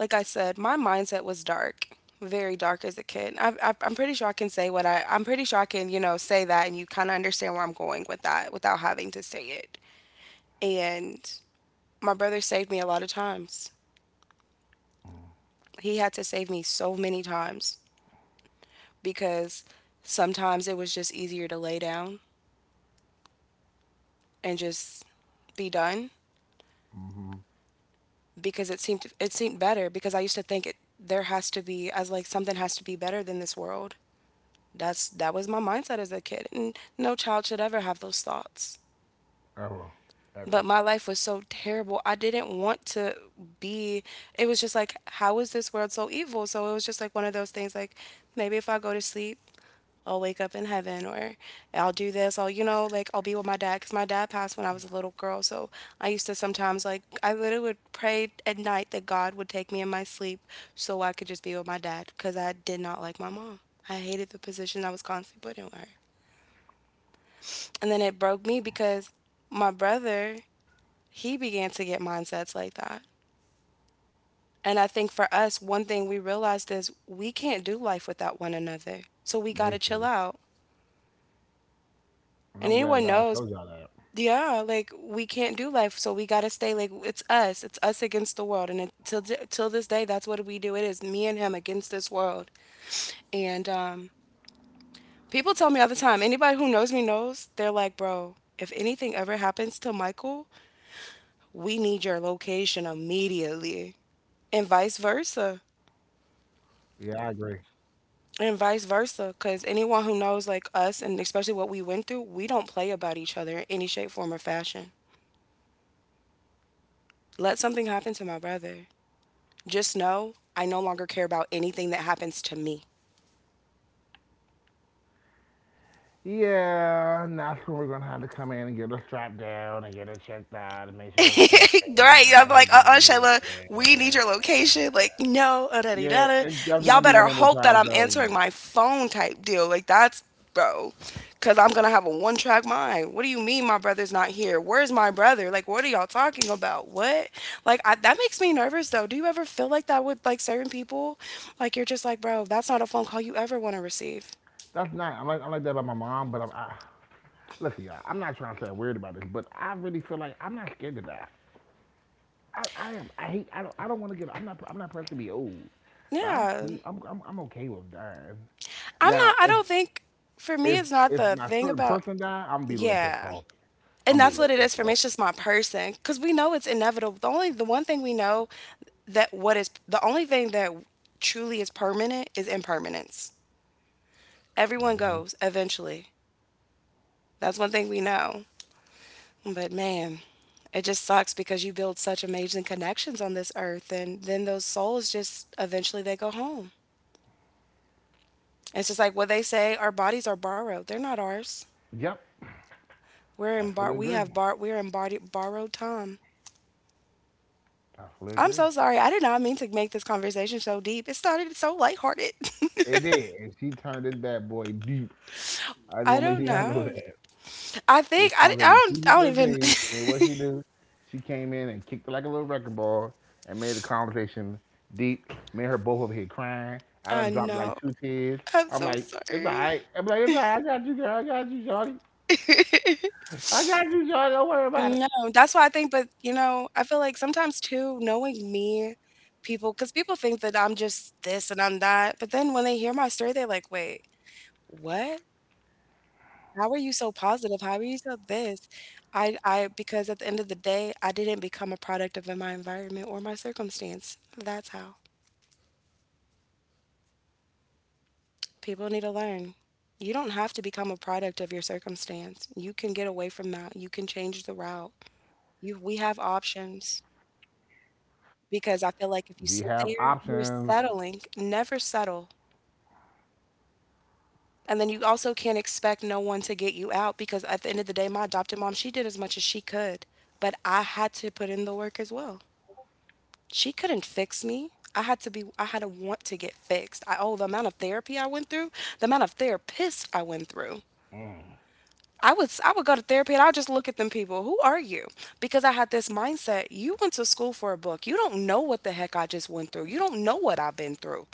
B: like I said, my mindset was dark, very dark as a kid. I, I, I'm pretty sure I can say what I, I'm pretty sure I can, you know, say that, and you kind of understand where I'm going with that without having to say it. And my brother saved me a lot of times. He had to save me so many times, because sometimes it was just easier to lay down and just be done,
A: Hmm.
B: because it seemed it seemed better. Because I used to think it, there has to be as like something has to be better than this world. That's that was my mindset as a kid, and no child should ever have those thoughts.
A: Ever, ever,
B: But my life was so terrible. I didn't want to be, it was just like, how is this world so evil? So it was just like one of those things, like, maybe if I go to sleep, I'll wake up in heaven, or I'll do this. I'll, you know, like, I'll be with my dad, because my dad passed when I was a little girl. So I used to sometimes like, I literally would pray at night that God would take me in my sleep, so I could just be with my dad, because I did not like my mom. I hated the position I was constantly put in with her. And then it broke me, because my brother he began to get mindsets like that. And I think for us, one thing we realized is we can't do life without one another. So we got to chill
A: basically.
B: out.
A: And
B: And
A: I'm glad
B: anyone
A: God
B: knows,
A: showed y'all that.
B: yeah, like, we can't do life. So we got to stay, like, it's us. It's us against the world. And until till this day, that's what we do. It is me and him against this world. And um, people tell me all the time, anybody who knows me knows, they're like, bro, if anything ever happens to Michael, we need your location immediately. And vice versa.
A: Yeah, I agree.
B: And vice versa, because anyone who knows like us, and especially what we went through, we don't play about each other in any shape, form, or fashion. Let something happen to my brother, just know I no longer care about anything that happens to me.
A: Yeah, and that's when we're gonna have to come in and get her strapped down and get her checked out and make sure that she's okay and
B: Right.
A: not let
B: I'm
A: her
B: like,
A: do
B: uh uh Shayla, we need
A: anywhere.
B: your location. Like, no, uh, da, da,
A: Yeah,
B: da, da.
A: it's definitely
B: Y'all
A: gonna be one
B: better
A: of those
B: hope that
A: times
B: I'm answering
A: though.
B: my phone type deal. Like, that's, bro. Cause I'm gonna have a one track mind. What do you mean my brother's not here? Where's my brother? Like, what are y'all talking about? What? Like, I, that makes me nervous though. Do you ever feel like that with like certain people? Like, you're just like, bro, that's not a phone call you ever wanna receive.
A: That's not. I'm like I'm like that about my mom, but I'm. I, listen, y'all. I'm not trying to sound weird about this, but I really feel like I'm not scared to die. I, I am. I hate. I don't. I don't want to get. I'm not. I'm not pressed to be old, but I'm
B: Yeah.
A: cool. I'm. I'm, I'm okay with dying.
B: I'm not,
A: Now,
B: I
A: if
B: don't think, for me,
A: if
B: it's not
A: if
B: the
A: my
B: thing
A: certain
B: about,
A: person die, I'm gonna be a little pissed
B: yeah.
A: off.
B: And
A: I'm gonna be a
B: that's what
A: little
B: it is
A: pissed
B: for me.
A: off.
B: It's just my person, because we know it's inevitable. The only the one thing we know, that what is the only thing that truly is permanent is impermanence. Everyone
A: Hmm.
B: goes eventually. That's one thing we know. But man, it just sucks, because you build such amazing connections on this earth, and then those souls just eventually they go home. It's just like what they say, our bodies are borrowed. They're not ours.
A: Yep,
B: We're
A: I
B: in bar-
A: fully
B: we have
A: agree.
B: bar- We're in body- borrowed time.
A: I fully
B: I'm
A: agree.
B: so sorry. I did not mean to make this conversation so deep. It started so lighthearted.
A: It did, and she turned this bad boy deep. I just
B: I
A: want to make sure
B: don't
A: y'all know
B: know.
A: that.
B: I
A: The
B: think I, I
A: conversation
B: don't I don't even
A: P G thirteen, and then what she do? She came in and kicked it like a little record ball, and made the conversation deep. Made her both over here crying. I
B: I
A: done dropped like
B: know.
A: two tears.
B: I'm
A: I'm
B: so
A: like, it's all
B: sorry.
A: right. I'm like, it's all right. I got you, girl. I got you, Shawty. I got you, Shawty. Don't worry about it.
B: No, that's why I think, but you know, I feel like sometimes too, knowing me, people cuz people think that I'm just this and I'm that, but then when they hear my story they're like, "Wait, what? How are you so positive? How are you so this?" I I because at the end of the day, I didn't become a product of my environment or my circumstance. That's how. People need to learn. You don't have to become a product of your circumstance. You can get away from that. You can change the route. You We have options
A: We
B: because I
A: have
B: feel like if you sit
A: options.
B: there, you're settling. Never settle. And then you also can't expect no one to get you out because at the end of the day, my adopted mom, she did as much as she could, but I had to put in the work as well. She couldn't fix me. I had to be I had to want to get fixed. I Oh, the amount of therapy I went through, the amount of therapists I went through.
A: Mm.
B: I would I would go to therapy and I'll just look at them people. Who are you? Because I had this mindset. You went to school for a book. You don't know what the heck I just went through. You don't know what I've been through.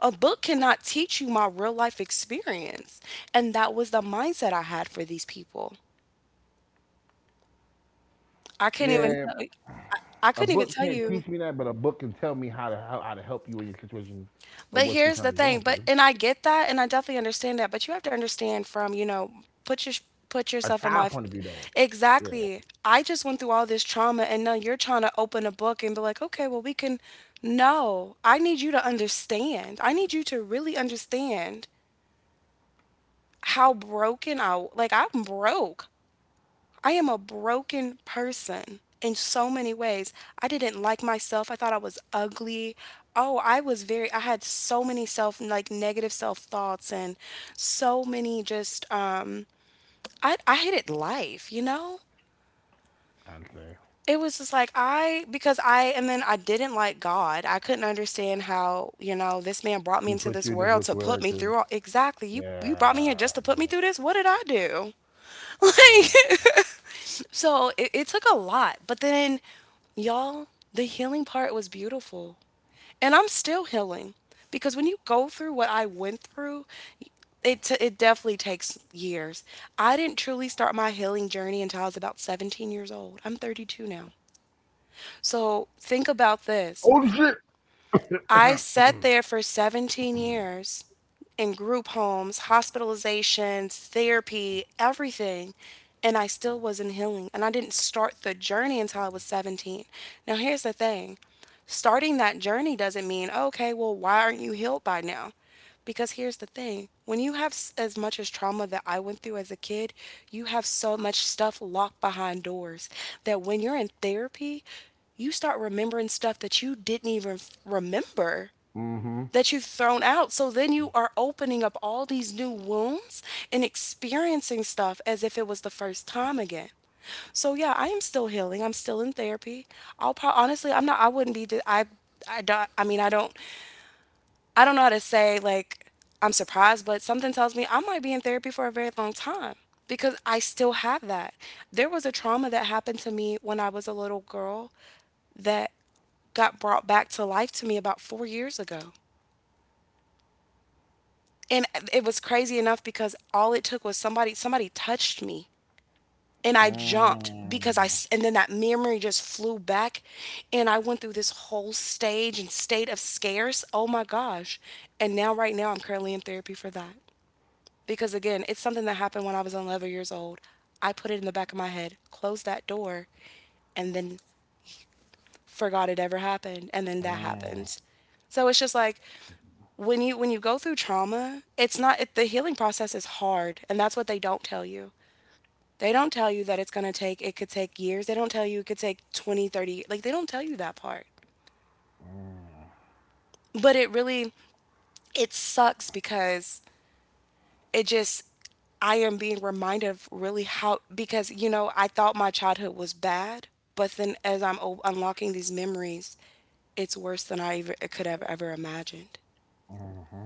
B: A book cannot teach you my real life experience. And that was the mindset I had for these people. I couldn't even
A: Yeah,
B: tell I, I
A: a
B: couldn't even
A: book
B: tell
A: can't teach
B: you.
A: me that, but a book can tell me how to how, how to help you in your situation of
B: But
A: what you're
B: here's the
A: currently
B: thing,
A: going
B: but
A: through.
B: and I get that and I definitely understand that, but you have to understand from, you know, put your put
A: A
B: yourself in my
A: child
B: f-
A: point of view, though. Yeah,
B: exactly. I just went through all this trauma and now you're trying to open a book and be like, "Okay, well we can no." I need you to understand. I need you to really understand how broken I like I'm broke. I am a broken person in so many ways. I didn't like myself. I thought I was ugly. Oh, I was very, I had so many self, like negative self thoughts and so many just, um, I, I hated life, you know?
A: I understand.
B: It was just like I, because I, and then I didn't like God. I couldn't understand how, you know, this man brought me
A: He
B: into
A: put
B: this
A: you in this
B: world to put me
A: situation.
B: through all, exactly. You, you brought me
A: Yeah,
B: here just to put me through this. What did I do? Like,
A: yeah, yeah.
B: so it, it took a lot, but then, y'all, the healing part was beautiful. And I'm still healing because when you go through what I went through, it, t- it definitely takes years. I didn't truly start my healing journey until I was about seventeen years old. I'm thirty-two now. So think about
A: Oh
B: this.
A: shit.
B: I sat there for seventeen years in group homes, hospitalizations, therapy, everything. And I still wasn't healing. And I didn't start the journey until I was seventeen. Now, here's the thing, starting that journey doesn't mean, okay, well, why aren't you healed by now? Because here's the thing, when you have s- as much as trauma that I went through as a kid, you have so much stuff locked behind doors that when you're in therapy, you start remembering stuff that you didn't even f- remember,
A: Mm-hmm.
B: that you've thrown out. So then you are opening up all these new wounds and experiencing stuff as if it was the first time again. So yeah, I am still healing. I'm still in therapy. I'll probably honestly, I'm not. I wouldn't be. Di- I I don't. I mean, I don't I don't know how to say like I'm surprised, but something tells me I might be in therapy for a very long time because I still have that. There was a trauma that happened to me when I was a little girl that got brought back to life to me about four years ago. And it was crazy enough because all it took was somebody somebody touched me and I jumped because I
A: Mm-hmm.
B: s- and then that memory just flew back and I went through this whole stage and state of scares. Oh my gosh. And now right now I'm currently in therapy for that. Because again, it's something that happened when I was eleven years old. I put it in the back of my head, closed that door, and then forgot it ever happened. And then
A: Mm
B: that
A: mm.
B: happens. So it's just like when you when you go through trauma, it's not it, the healing process is hard, and that's what they don't tell you. They don't tell you that it's going to take it could take years. They don't tell you it could take twenty, thirty. Like they don't tell you that part. But it really it sucks because it just I am being reminded of really how because you know I thought my childhood was bad, but then as I'm o- unlocking these memories, it's worse than I ever, could have ever imagined.
A: Mm-hmm.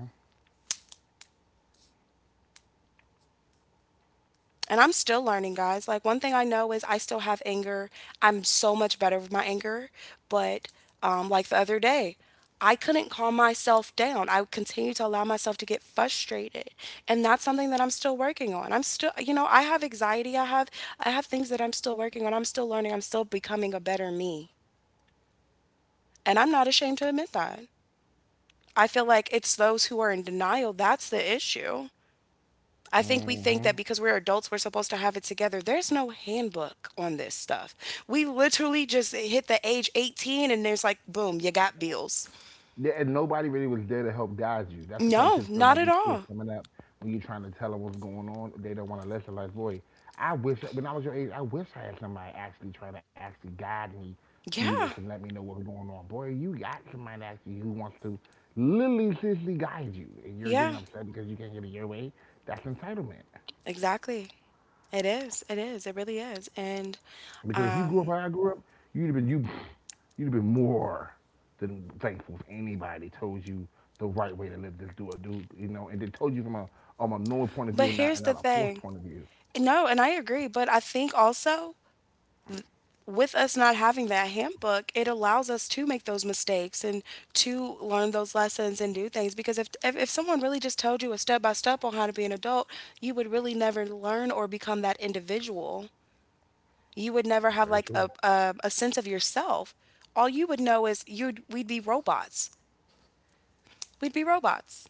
B: And I'm still learning, guys. Like, one thing I know is I still have anger. I'm so much better with my anger. But, um, like the other day, I couldn't calm myself down. I continue to allow myself to get frustrated. And that's something that I'm still working on. I'm still, you know, I have anxiety. I have, I have things that I'm still working on. I'm still learning. I'm still becoming a better me. And I'm not ashamed to admit that. I feel like it's those who are in denial that's the issue. I think we think that
A: Mm-hmm.
B: because we're adults, we're supposed to have it together. There's no handbook on this stuff. We literally just hit the age eighteen and there's like, boom, you got bills.
A: Yeah, and nobody really was there to help guide you. That's the part that
B: No,
A: pisses me off
B: not
A: about
B: at
A: these kids
B: all.
A: coming up when you're trying to tell them what's going on. They don't want to listen. Like, boy, I wish when I was your age, I wish I had somebody actually trying to actually guide me through this and
B: Yeah,
A: let me know what's going on. Boy, you got somebody actually who wants to literally seriously guide you, and you're getting
B: yeah,
A: upset because you can't get it your way. That's entitlement.
B: exactly. It is. It is. It really is. And,
A: Because if you grew up
B: um,
A: how I grew up, you'd have been you you'd have been more than thankful if anybody told you the right way to live this do or do you know, and they told you from a from a normal point of
B: but
A: view and not
B: here's
A: and
B: the
A: not a forced
B: thing.
A: point of view.
B: No, and I agree, but I think also with us not having that handbook, it allows us to make those mistakes and to learn those lessons and do things. Because if, if, if someone really just told you a step by step on how to be an adult, you would really never learn or become that individual. You would never have
A: Very
B: like
A: true.
B: a, a, a sense of yourself. All you would know is you'd we'd be robots. We'd be robots.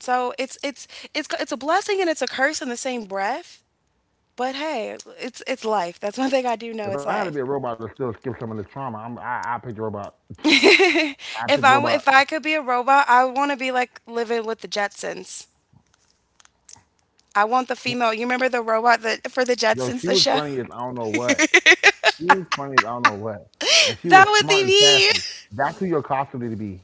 B: So it's it's it's it's a blessing and it's a curse in the same breath. But hey, it's it's life. That's one thing I do know.
A: If
B: It's
A: I had to be a
B: life.
A: robot to still skip some of this trauma, I'm I I pick robot. I pick
B: if I w-
A: robot.
B: if I could be a robot, I want to be like living with the Jetsons. I want the female. You remember the robot that for the
A: Yo,
B: Jetsons,
A: she
B: the
A: was
B: show?
A: funny as I don't know what. She was funny as I don't know what. And she
B: That
A: was
B: would
A: smart
B: be
A: and
B: me.
A: sassy. That's who you're costuming to be.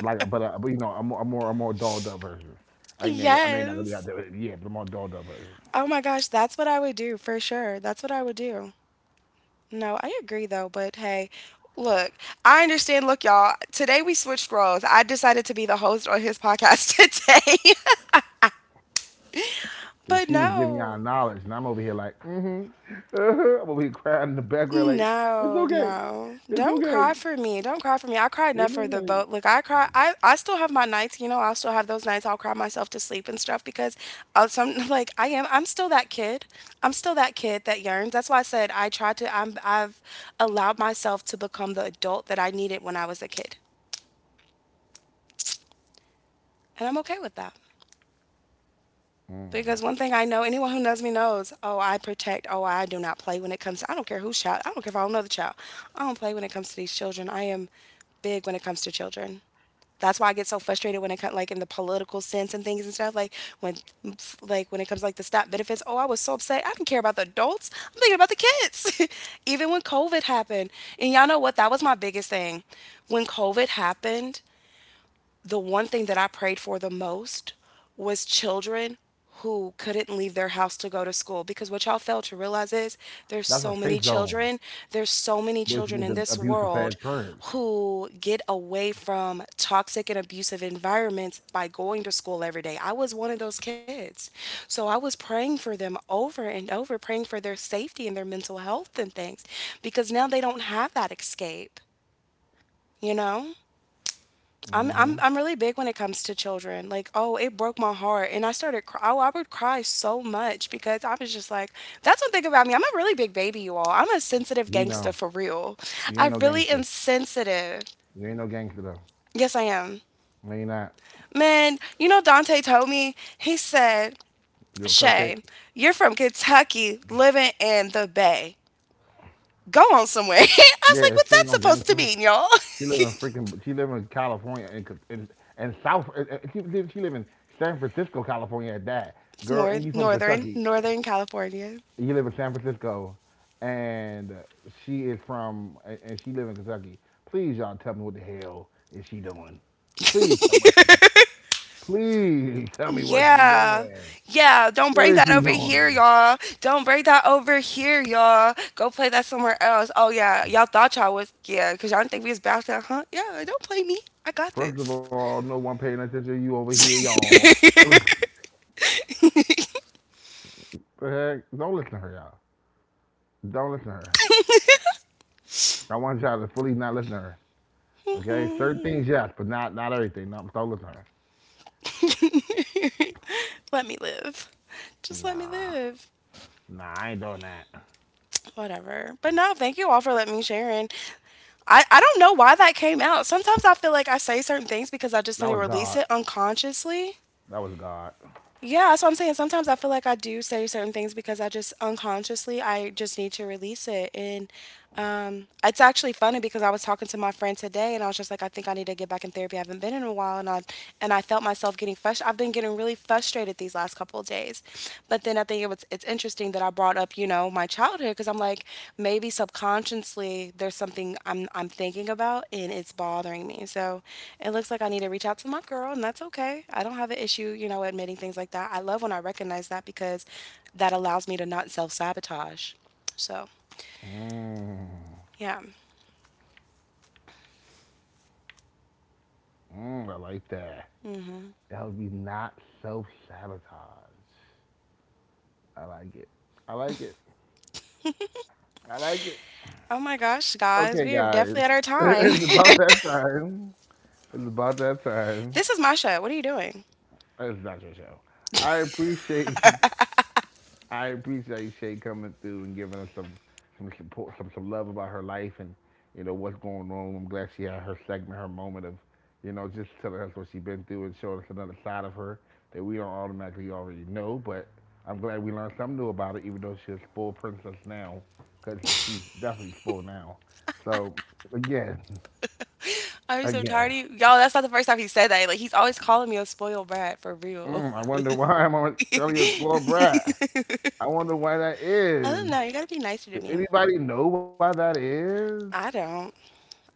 A: Like, but uh, but you know, a more a more a more dolled up version. I ain't nigga, I know you're not gonna be out
B: Yes.
A: there, with it, yeah, but a more dolled up version.
B: Oh my gosh, that's what I would do for sure. That's what I would do. No, I agree though, but hey, look, I understand. Look, y'all, today we switched roles. I decided to be the host on his podcast today.
A: 'Cause
B: But
A: she was giving y'all
B: no.
A: knowledge, and I'm over here like, mm-hmm, uh-huh. I'm over here crying in the background like, it's
B: No,
A: okay,
B: no.
A: it's
B: Don't
A: okay,
B: cry for me. Don't cry for me. I cried
A: it's
B: enough for the
A: okay.
B: boat. Look, I cry. I, I still have my nights, you know, I'll still have those nights. I'll cry myself to sleep and stuff because I'll, some, like I am, I'm still that kid. I'm still that kid that yearns. That's why I said I tried to, I'm, I've allowed myself to become the adult that I needed when I was a kid. And I'm okay with that.
A: Mm.
B: Because one thing I know, anyone who knows me knows, oh, I protect, oh, I do not play when it comes to, I don't care who's child, I don't care if I don't know the child. I don't play when it comes to these children. I am big when it comes to children. That's why I get so frustrated when it comes, like, in the political sense and things and stuff. Like, when, like, when it comes, like, the stop benefits, oh, I was so upset. I didn't care about the adults. I'm thinking about the kids. Even when COVID happened. And y'all know what? That was my biggest thing. When COVID happened, the one thing that I prayed for the most was children who couldn't leave their house to go to school because what y'all fail to realize is there's
A: That's a
B: so many
A: safe zone
B: children, there's so many
A: away from
B: children
A: these
B: in this
A: abusive ass
B: world
A: parents.
B: who get away from toxic and abusive environments by going to school every day. I was one of those kids. So I was praying for them over and over, praying for their safety and their mental health and things because now they don't have that escape, you know? I'm
A: Hmm.
B: I'm I'm really big when it comes to children. Like, oh, it broke my heart, and I started. Cry- oh, I would cry so much because I was just like, that's one thing about me. I'm a really big baby, you all. I'm a
A: We
B: sensitive
A: know
B: gangster for real.
A: you ain't
B: I
A: no
B: really
A: gangster.
B: am sensitive.
A: You ain't no gangster though.
B: Yes, I am.
A: No, you are not.
B: Man, you know Dante told me. He said,
A: You a cupcake?
B: Shay, you're from Kentucky, living in the Bay. Go on somewhere. I was like,
A: Yeah,
B: what's
A: she ain't
B: that
A: no
B: supposed to
A: gangster.
B: mean, y'all?
A: She live in freaking. She live in California and and, and South. And, and she, live- she live in San Francisco, California. At that
B: It's
A: girl, and
B: north,
A: you from
B: northern,
A: Kentucky.
B: northern California.
A: You live in San Francisco, and she is from and and she live in Kentucky. Please, y'all, tell me what the hell is she doing? Please tell me what she doing. Please tell me what she
B: Yeah.
A: doing.
B: Yeah. Don't
A: What
B: bring
A: is
B: that
A: she
B: over here,
A: doing?
B: y'all. Don't bring that over here, y'all. Go play that somewhere else. Oh, yeah. Y'all thought y'all was, yeah, because y'all didn't think we was back there, huh? Yeah. Don't play me. I got
A: First of
B: this.
A: all, no one paying attention to you over here, y'all. The heck? Don't listen to her, y'all. Don't listen to her. I want y'all to fully not listen to her. Okay, certain things, yes, but not not everything. Not with all the time.
B: Let me live. Just let me
A: Nah,
B: live.
A: nah, I ain't doing that.
B: Whatever. But no, thank you all for letting me share. And I, I don't know why that came out. Sometimes I feel like I say certain things because I just
A: That
B: didn't
A: was
B: release
A: God.
B: it unconsciously.
A: That was God.
B: Yeah, that's what I'm saying. Sometimes I feel like I do say certain things because I just unconsciously I just need to release it. And um, it's actually funny because I was talking to my friend today and I was just like, I think I need to get back in therapy. I haven't been in a while, and I and I felt myself getting frustrated. I've been getting really frustrated these last couple of days, but then I think it was it's, it's interesting that I brought up, you know, my childhood because I'm like maybe subconsciously there's something I'm I'm thinking about and it's bothering me. So it looks like I need to reach out to my girl and that's okay. I don't have an issue, you know, admitting things like that. I love when I recognize that because that allows me to not self-sabotage. So,
A: Mmm,
B: yeah.
A: mmm, I like that.
B: Mhm.
A: That would be not self sabotage. I like it. I like it. I like it.
B: Oh my gosh, guys,
A: Okay,
B: we are
A: guys,
B: definitely at our time.
A: it's about that time. It's about that time.
B: This is my show. What are you doing?
A: It's not your show. I appreciate I appreciate Shay coming through and giving us some some support, some some love about her life and you know what's going on. I'm glad she had her segment, her moment of you know just telling us what she's been through and showing us another side of her that we don't automatically already know. But I'm glad we learned something new about her, even though she's a spoiled princess now, because she's definitely spoiled now. So again,
B: I'm so tired
A: again,
B: of you. Y'all, that's not the first time he said that. Like, he's always calling me a spoiled brat for real.
A: mm, I wonder why I'm on telling you a spoiled brat. I wonder why that
B: I don't
A: is.
B: know. You gotta be nicer to
A: Does
B: me.
A: anybody know why that is?
B: I don't.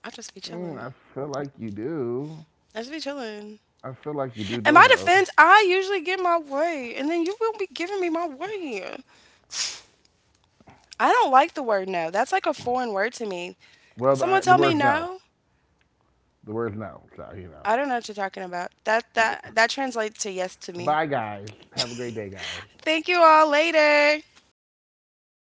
B: I just be
A: Mm, I
B: chilling.
A: feel like you do.
B: I just be chilling.
A: I feel like you do
B: In
A: know
B: my
A: though.
B: defense, I usually get my way, and then you won't be giving me my way. I don't like the word no. That's like a foreign word to me.
A: Well,
B: If someone
A: the, the
B: tell me
A: word's no.
B: no,
A: The word's no. So you know.
B: I don't know what you're talking about. That that that translates to yes to me.
A: Bye, guys. Have a great day, guys.
B: Thank you all. Later.